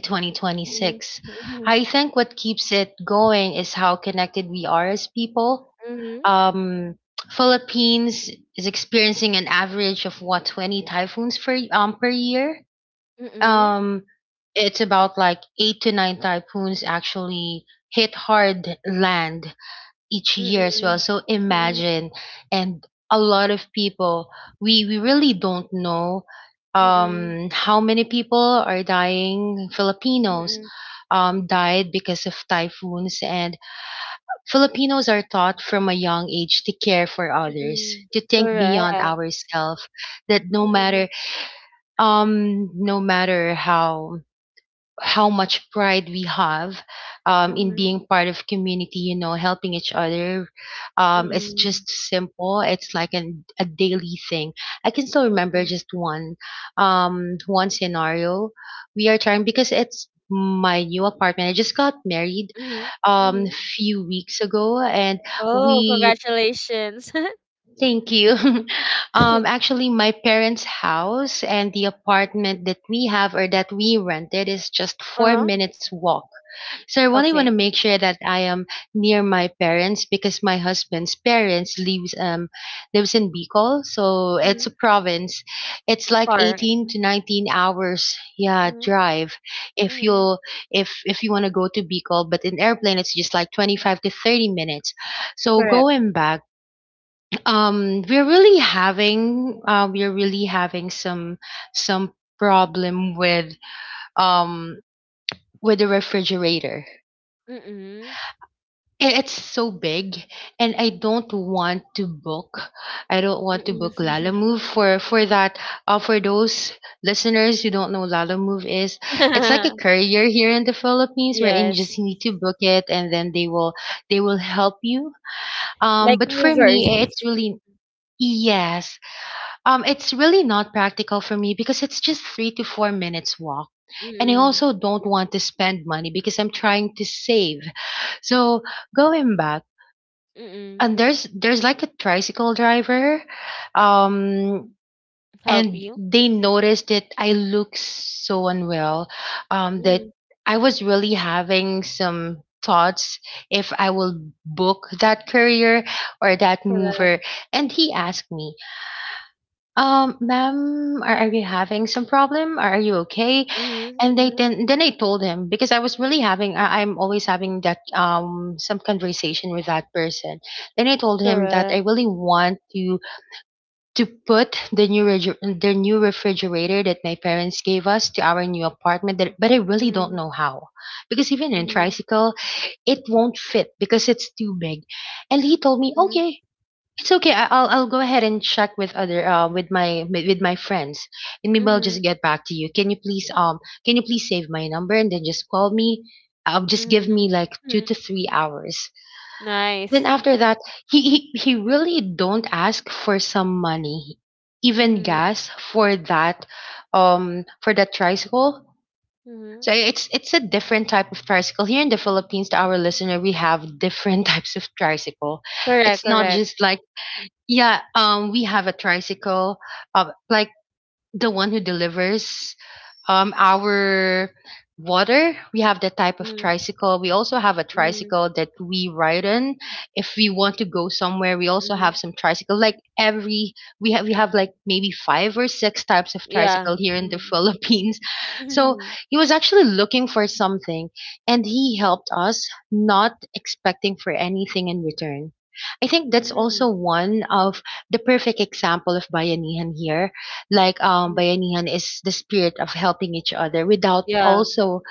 A: mhm,
B: twenty twenty-six.
A: mhm,
B: I think what keeps it going is how connected we are as people.
A: mhm,
B: Um Philippines is experiencing an average of what twenty typhoons per um per year. Um, it's about like eight to nine typhoons actually hit hard land each year as well.
A: mhm,
B: So
A: mhm,
B: imagine, and a lot of people, we, we really don't know
A: mhm, mhm,
B: um, how many people are dying. Filipinos
A: mhm,
B: um, died because of typhoons, and Filipinos are taught from a young age to care for others,
A: mhm.
B: to think beyond
A: Correct.
B: ourselves, that no
A: Mhm,
B: matter um no matter how how much pride we have, um, in
A: mhm,
B: being part of community, you know helping each other. Um, it's
A: mhm,
B: just simple, it's like an, a daily thing. I can still remember
A: mhm,
B: just one um, one scenario. We are trying because it's my new apartment, I just got married
A: mhm,
B: um,
A: mhm.
B: few weeks ago, and
A: Oh,
B: we
A: congratulations.
B: thank you um, actually my parents house and the apartment that we have or that we rented is just four
A: Uh-huh.
B: minutes walk, so I really want to
A: Okay.
B: make sure that I am near my parents because my husband's parents lives um lives in Bicol, so it's a province. It's like
A: Far.
B: eighteen to nineteen hours, yeah,
A: Mhm,
B: drive if
A: mhm.
B: you if if you want to go to Bicol, but in airplane it's just like twenty-five to thirty minutes. So
A: Correct.
B: going back, um we're really having uh, we're really having some some problem with um with the refrigerator.
A: Mm-mm.
B: I- it's so big, and i don't want to book i don't want to book
A: Mm-mm.
B: lala move for for that uh, for those listeners who don't know, lala move is it's like a courier here in the philippines where you
A: Yes.
B: just need to book it and then they will they will help you, um
A: Like
B: but for
A: movers.
B: me it's really, yes, um it's really not practical for me because it's just three to four minutes walk, and I
A: Mm-mm.
B: also don't want to spend money because I'm trying to save. So going back,
A: Mm-mm.
B: and there's there's like a tricycle driver, um
A: Help
B: and
A: you.
B: they noticed that I look so unwell, um that
A: Mm-hmm.
B: I was really having some thoughts if I will book that courier or that
A: Correct.
B: mover. And he asked me, um ma'am, are, are you having some problem, are, are you okay?
A: Mm-hmm.
B: And they
A: Mm-hmm.
B: then then I told him, because I was really having I, I'm always having that um some conversation with that person. Then I told him that I
A: Correct.
B: really want to to put the new reg- the new refrigerator that my parents gave us to our new apartment, that, but I really don't
A: Mm-hmm.
B: know how, because even in
A: Mm-hmm.
B: tricycle it won't fit because it's too big. And he told me,
A: Mm-hmm.
B: okay, it's okay. I- I'll I'll go ahead and check with other uh, with my with my friends, and maybe I'll
A: Mm-hmm.
B: just get back to you. Can you please um can you please save my number and then just call me? Uh, just give
A: Mm-hmm.
B: me like two
A: Mm-hmm.
B: to three hours. Then
A: Nice.
B: after that, he he he really don't ask for some money, even
A: Mm-hmm.
B: gas for that, um for that tricycle.
A: Mm-hmm.
B: So it's it's a different type of tricycle here in the Philippines. To our listener, we have different types of tricycle. It's
A: Correct,
B: not
A: correct.
B: just like, yeah, um, we have a tricycle, uh, like the one who delivers, um, our water. We have that type of
A: Mm-hmm.
B: tricycle. We also have a
A: Mm-hmm.
B: tricycle that we ride on if we want to go somewhere. We also have
A: Mm-hmm.
B: some tricycle. Like every we have we have like maybe five or six types of
A: Yeah.
B: tricycle here in the
A: Mm-hmm.
B: Philippines. So
A: Mm-hmm.
B: he was actually looking for something, and he helped us, not expecting for anything in return. I think that's also one of the perfect example of bayanihan here, like, um
A: Mm-hmm.
B: bayanihan is the spirit of helping each other without
A: Yeah.
B: also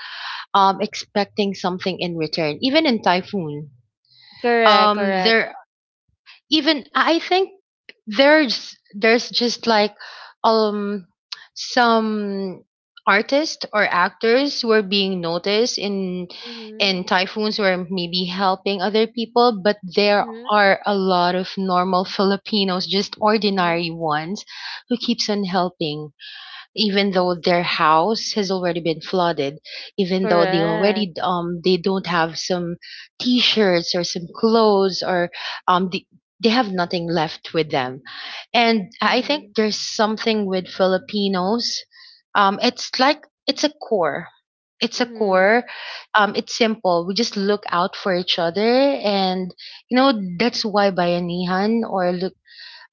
B: um expecting something in return, even in typhoon.
A: Correct,
B: Um
A: correct.
B: there, even I think, there's there's just like, um some artists or actors were being noticed in
A: Mm-hmm.
B: in typhoons, were maybe helping other people, but there
A: Mm-hmm.
B: are a lot of normal filipinos, just
A: Mm-hmm.
B: ordinary ones, who keeps on helping even
A: Mhm,
B: though their house has already been flooded, even though they
A: correct.
B: already um they don't have some t-shirts or some clothes, or um they, they have nothing left with them. And I think
A: Mhm,
B: there's something with Filipinos. Um, it's like it's a core. It's a
A: mhm.
B: core. Um, it's simple. We just look out for each other, and you know that's why Bayanihan, or,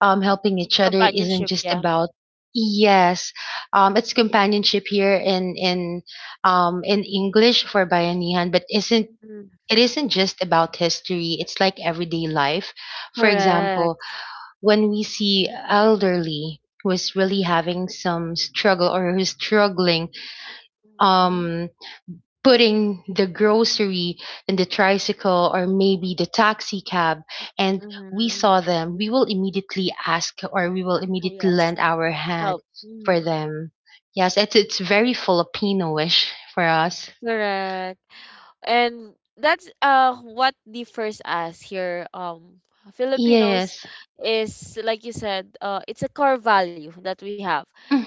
B: um, helping each other, isn't
A: Companionship,
B: just
A: yeah.
B: about, yes, um it's companionship here in in um in english for bayanihan, but isn't
A: Mm,
B: it isn't just about history, it's like everyday life. For example,
A: correct.
B: when we see elderly who is really having some struggle or who's struggling,
A: Mhm,
B: um putting the grocery in the tricycle or maybe the taxi cab, and we
A: mhm.
B: saw them, we will immediately ask, or we will
A: Ah,
B: immediately
A: yes.
B: lend our hand
A: Help.
B: for
A: Mhm,
B: them. Yes, it's it's very Filipino-ish for us.
A: correct. And that's uh what differs us here, um Filipinos,
B: Yes.
A: is like you said, uh it's a core value that we have,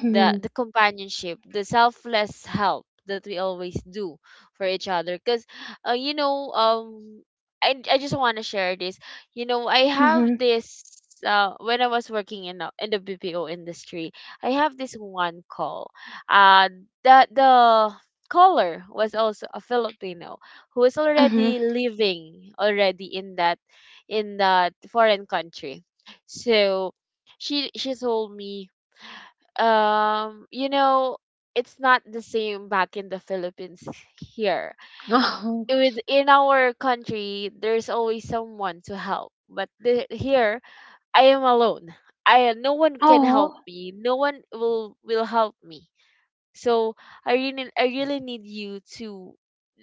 A: the the companionship, the selfless help that we always do for each other. Because, uh, you know um I, I just want to share this. You know, I have
B: Mhm.
A: this, uh, when I was working in uh, in the B P O industry, I have this one call uh that the caller was also a Filipino who is
B: Mhm.
A: already living already in that, in that foreign country. So she she told me, um, you know, it's not the same back in the Philippines here.
B: Oh.
A: It was in our country there's always someone to help. But the, here, I am alone. I, no one can help
B: Oh.
A: me. No one will will help me. So I really, I really need you to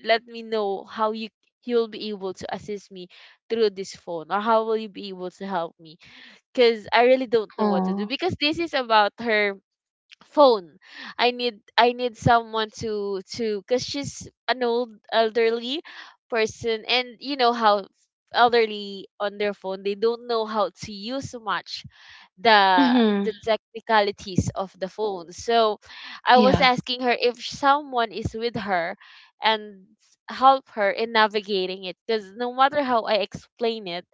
A: let me know how you, you'll be able to assist me through this phone, or how will you be able to help me, because I really don't know what to do,
B: Oh.
A: because this is about her phone. I need, I need someone to to cuz she's an old elderly person, and you know how elderly on their phone, they don't know how to use much the
B: Mhm.
A: the technicalities of the phone. So I was
B: Yeah.
A: asking her if someone is with her, and help her in navigating it, because no matter how I explain it,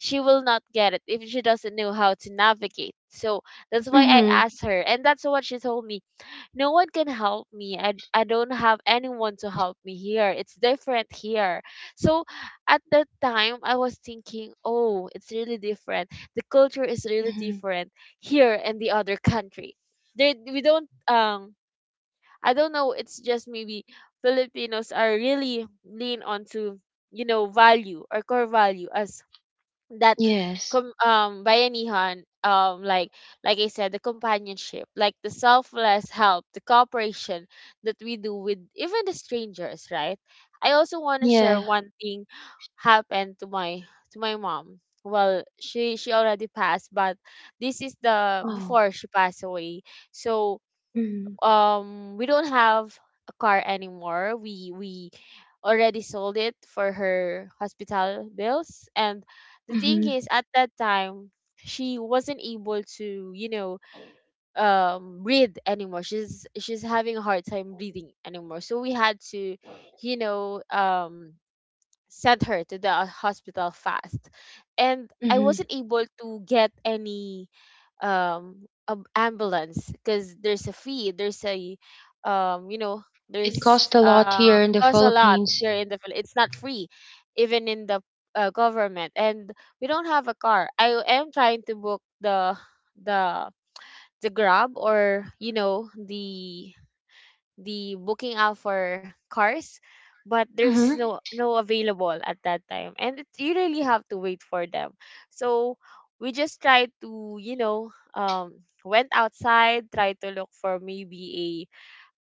A: she will not get it if she doesn't know how to navigate. So that's why I
B: Mhm.
A: asked her, and that's what she told me. No one can help me, I, I don't have anyone to help me here, it's different here. So at that time I was thinking, oh, it's really different, the culture is really
B: Mhm.
A: different here and the other country there. We don't um I don't know, it's just maybe Filipinos are really lean onto, you know, value or core value, as that
B: Yes.
A: com- um Bayanihan, um like like I said, the companionship, like the selfless help, the cooperation that we do with even the strangers, right? I also want to
B: Yeah.
A: share one thing happened to my, to my mom. Well, she she already passed, but this is the
B: Oh.
A: before she passed away. So
B: Mhm.
A: um we don't have a car anymore, we we already sold it for her hospital bills. And the thing
B: Mhm.
A: is, at that time, she wasn't able to, you know, um breathe anymore, she's she's having a hard time breathing anymore. So we had to, you know, um send her to the hospital fast. And I
B: Mhm.
A: wasn't able to get any um a ambulance, because there's a fee, there's a um you know
B: It costs
A: there's
B: a lot
A: um
B: here in the
A: costs a lot
B: Philippines.
A: here in the Phil- it's not free, even in the uh, government. And we don't have a car. I am trying to book the the the grab, or you know, the the booking out for cars, but there's
B: Mhm.
A: no, no available at that time, and it, you really have to wait for them. So we just tried to, you know, um went outside, tried to look for maybe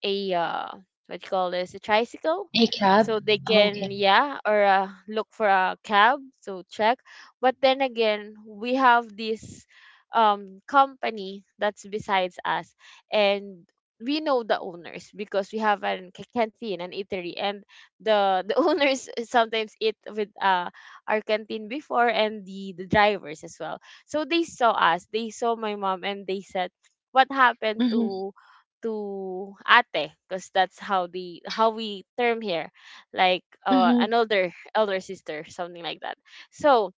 A: a a uh, what do you call this, a tricycle,
B: A cab.
A: so they
B: Oh,
A: can,
B: okay.
A: yeah, or uh, look for a cab, so check. But then again, we have this um company that's besides us, and we know the owners, because we have an ca- canteen, an eatery. And the the owners sometimes eat with uh our canteen before, and the the drivers as well. So they saw us, they saw my mom, and they said, what happened
B: Mhm.
A: to to ate? Because that's how the how we term here, like uh, an
B: Mhm.
A: older elder sister, something like that. So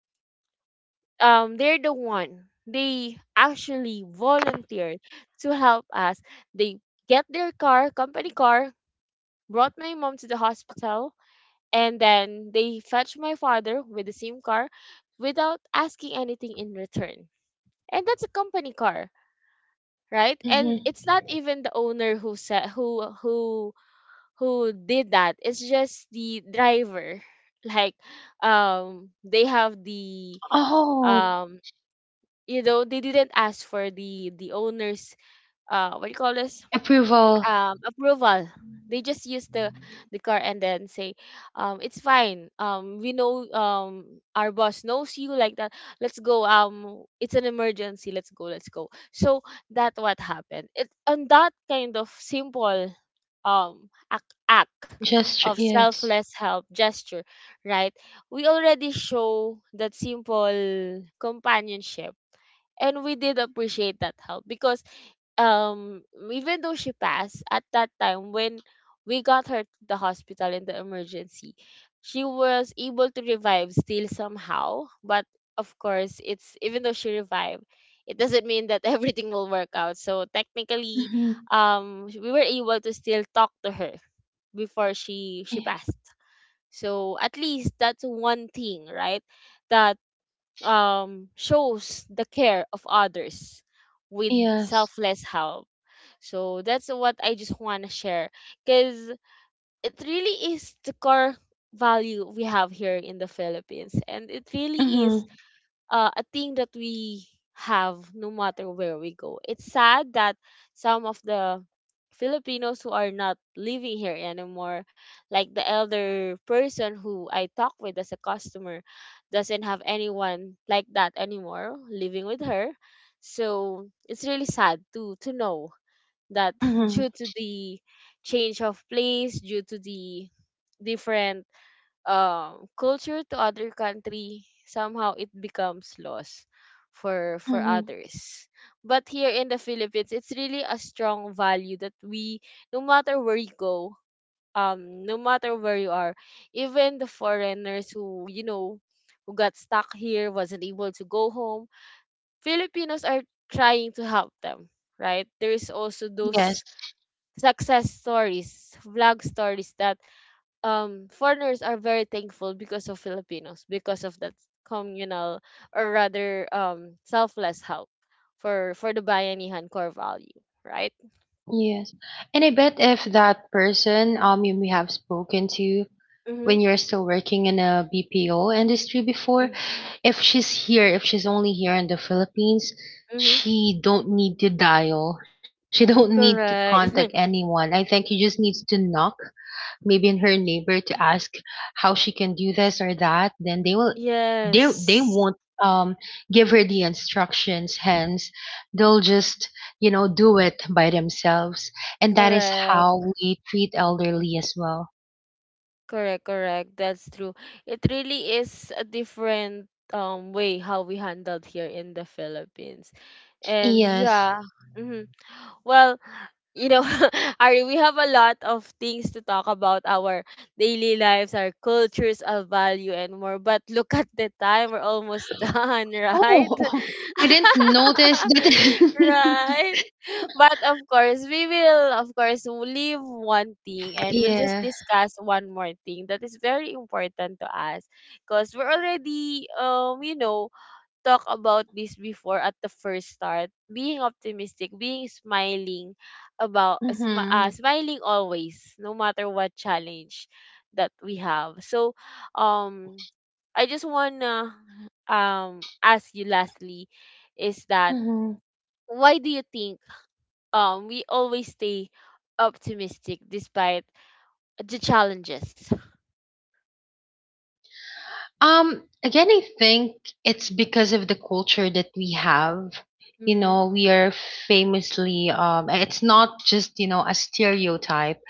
A: um they're the one, they actually volunteered to help us. They get their car, company car, brought my mom to the hospital, and then they fetch my father with the same car, without asking anything in return. And that's a company car, right? And
B: Mhm.
A: it's not even the owner who said who who who did that. It's just the driver. Like, um they have the
B: Oh,
A: um you know, they didn't ask for the the owner's, uh what do you call this,
B: approval.
A: um approval. They just use the the car and then say, um it's fine, um we know, um our boss knows you, like that, let's go, um it's an emergency, let's go, let's go. So that what happened it on that kind of simple um act, act
B: Gesture.
A: of
B: Yes.
A: selfless help gesture, right? We already show that simple companionship, and we did appreciate that help. Because um even though she passed at that time, when we got her to the hospital in the emergency, she was able to revive still somehow. But of course, it's even though she revived, it doesn't mean that everything will work out. So technically,
B: Mhm.
A: um we were able to still talk to her before she she
B: Yeah.
A: passed. So at least that's one thing, right? That um, shows the care of others, with
B: Yes.
A: selfless help. So that's what I just want to share, because it really is the core value we have here in the Philippines, and it really is,
B: Mhm.
A: uh, a thing that we have no matter where we go. It's sad that some of the Filipinos who are not living here anymore, like the elder person who I talk with as a customer, doesn't have anyone like that anymore living with her. So it's really sad to to know that,
B: Mhm.
A: due to the change of place, due to the different um, culture to other country, somehow it becomes lost for for
B: Mhm.
A: others. But here in the Philippines, it's really a strong value that we, no matter where you go, um, no matter where you are, even the foreigners who you know, who got stuck here, wasn't able to go home, Filipinos are trying to help them. Right? There is also
B: Yes.
A: those success stories, vlog stories that um foreigners are very thankful because of Filipinos, because of that communal, or rather, um selfless help, for for the bayanihan core value, right?
B: Yes. And I bet if that person um you may have spoken to
A: Mm-hmm,
B: when you're still working in a B P O industry before, if she's here, if she's only here in the Philippines,
A: mm-hmm.
B: she don't need to dial. She don't need to contact
A: Correct.
B: anyone. I think you just needs to knock maybe in her neighbor to ask how she can do this or that, then they will, they they
A: yes.
B: won't, um give her the instructions, hence they'll just, you know, do it by themselves. And that is
A: Correct,
B: how we treat elderly as well.
A: correct, correct, that's true. It really is a different um way how we handled here in the Philippines. And
B: Yes.
A: yeah, mhm. Well, you know, Ari, we have a lot of things to talk about, our daily lives, our cultures, our value, and more. But look at the time, we're almost done,
B: Oh
A: right?
B: I didn't notice that.
A: right. But of course, we will, of course, leave one thing, and we'll just
B: Yeah.
A: discuss one more thing that is very important to us, because we're already, um, you know, talk about this before at the first start. Being optimistic, being smiling about smi-
B: Mm-hmm.
A: uh, smiling always, no matter what challenge that we have. So, um, I just wanna um ask you lastly, is that why do you think um we always stay optimistic despite the challenges?
B: Um, again, I think it's because of the culture that we have. You
A: Mm-hmm.
B: know, we are famously, um, it's not just, you know, a stereotype,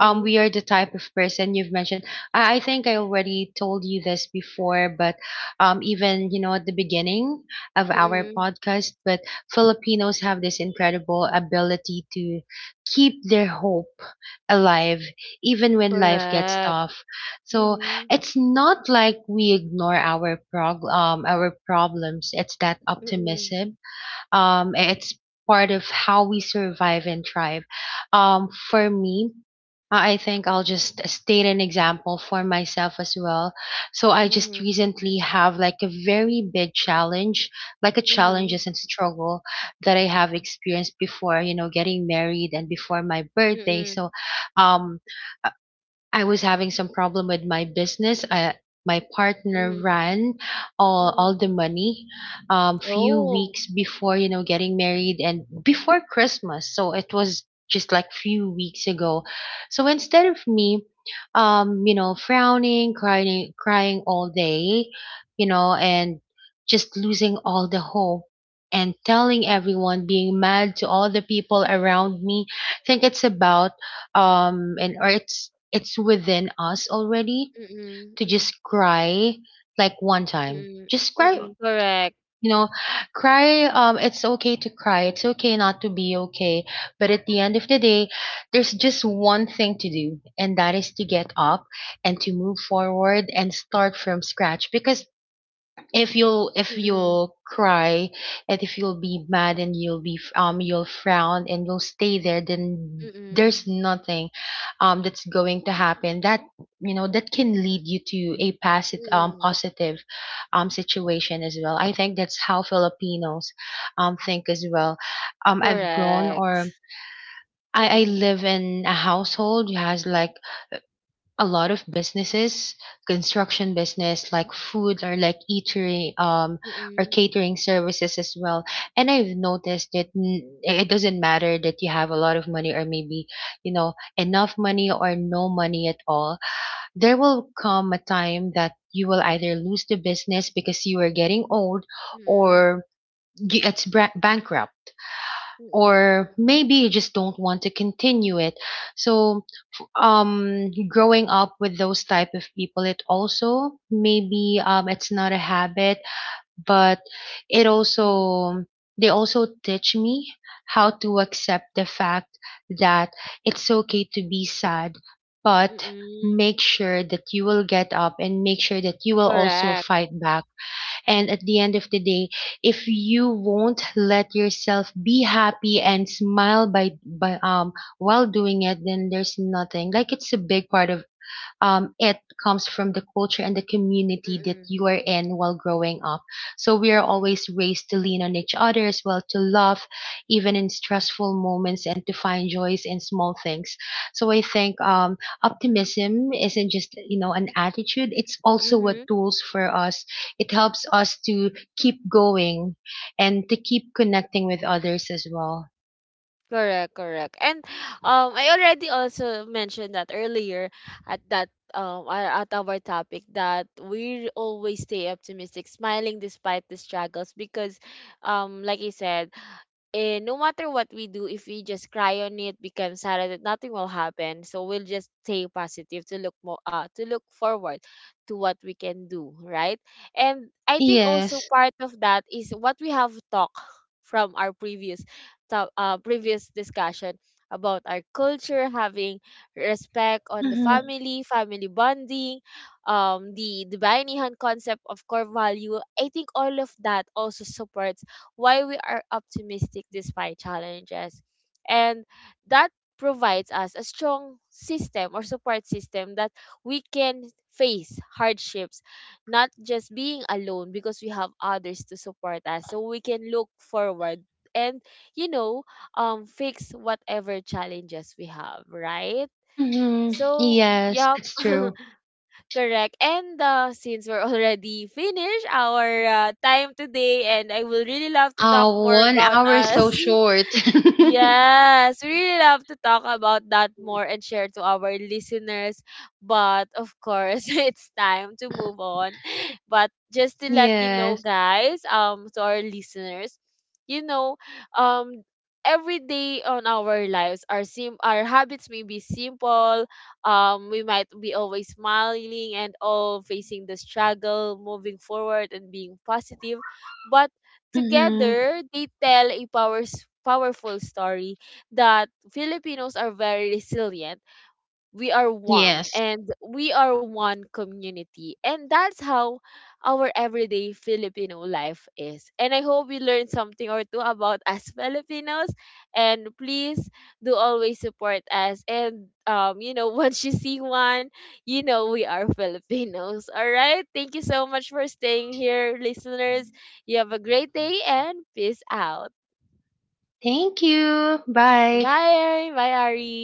B: um we are the type of person you've mentioned. I, I think I already told you this before, but um even, you know, at the beginning of our
A: Mm-hmm.
B: podcast, but Filipinos have this incredible ability to keep their hope alive even when life gets
A: Correct.
B: tough. So
A: Mm-hmm.
B: it's not like we ignore our prog- um our problems. It's that
A: Mm-hmm.
B: optimism, um, it's part of how we survive and thrive. Um, for me, I I think I'll just state an example for myself as well. So I just recently have like a very big challenge, like a
A: Mm-hmm.
B: challenges and struggle that I have experienced before, you know, getting married and before my birthday.
A: Mm,
B: So um I was having some problem with my business. I, my partner
A: mm,
B: ran all,
A: mm.
B: all the money, um few
A: Oh,
B: weeks before, you know, getting married and before christmas, so it was just like few weeks ago. So instead of me, um you know, frowning, crying crying all day, you know, and just losing all the hope and telling everyone, being mad to all the people around me. I think it's about, um and or it's it's within us already,
A: mm,
B: to
A: mm,
B: just cry, like one time
A: mm,
B: just cry, you
A: mm, correct.
B: know, cry, um it's okay to cry, it's okay not to be okay. But at the end of the day, there's just one thing to do, and that is to get up and to move forward and start from scratch. Because if you'll if
A: Mm,
B: you'll cry, and if you'll be mad, and you'll be f- um you'll frown, and you'll stay there, then there's
A: mm,
B: nothing, um that's going to happen, that, you know, that can lead you to a passive um
A: mm,
B: positive, um situation as well. I think that's how filipinos um think as well. um I've grown,
A: correct.
B: or I, I
A: Mm,
B: live in a household who has like a lot of businesses, construction business, like food, or like eatery, um or
A: mm,
B: catering services as well. And I've noticed that n- it doesn't matter that you have a lot of money, or maybe, you know, enough money, or no money at all. There will come a time that you will either lose the business because you are getting old,
A: mm,
B: or you- it's bra- bankrupt,
A: mm,
B: or maybe you just don't want to continue it. So um growing up with those type of people, it also maybe, um it's not a habit, but it
A: mm,
B: also, they also teach me how to accept the fact that it's okay to be sad, but
A: mm,
B: make sure that you will get up, and make sure that you will also
A: correct.
B: fight back. And at the end of the day, if you won't let yourself be happy and smile by by um while doing it, then there's nothing. Like it's a big part of, um, it comes from the culture and the community that
A: Mm,
B: you are in while growing up. So we are
A: mm,
B: always raised to lean on each other as well, to love even in stressful moments, and to find joys in small things. So I think, um, optimism isn't just, you know, an attitude; it's also a
A: mm,
B: tools for us. It helps us to keep going and to keep connecting with others as well.
A: correct, correct. And um, I already also mentioned that earlier at that um uh, at our topic, that we always stay optimistic, smiling despite the struggles, because um like you said, eh, no matter what we do, if we just cry on it, become sad, that nothing will happen. So we'll just stay positive to look more, uh to look forward to what we can do, right? And I think also
B: Yes.
A: part of that is what we have talked from our previous to- uh, previous discussion about our culture, having respect on the
B: Hmm.
A: family, family bonding, um the the Bayanihan concept of core value. I think all of that also supports why we are optimistic despite challenges. And that provides us a strong system, or support system, that we can face hardships, not just being alone, because we have others to support us. So we can look forward and, you know, um, fix whatever challenges we have, right?
B: Hmm.
A: So,
B: Yes,
A: yeah,
B: that's true.
A: correct. And uh, since we're already finished our uh, time today, and I will really love to talk
B: Oh,
A: more
B: one
A: about
B: hour is
A: us.
B: so short.
A: Yes, we really love to talk about that more and share to our listeners. But of course, it's time to move on. But just to let you know,
B: Yes.
A: guys, um, to our listeners, you know, um, every day on our lives, our sim, our habits may be simple. Um, we might be always smiling and all facing the struggle, moving forward, and being positive. But
B: Hmm.
A: together, they tell a powers, powerful story that Filipinos are very resilient, we are warm,
B: Yes.
A: and we are one community. And that's how our everyday Filipino life is, and I hope you learned something or two about us Filipinos. And please do always support us. And um you know, once you see one, you know, we are Filipinos. All right, thank you so much for staying here, listeners. You have a great day, and peace out.
B: Thank you. Bye.
A: Bye bye, Ari.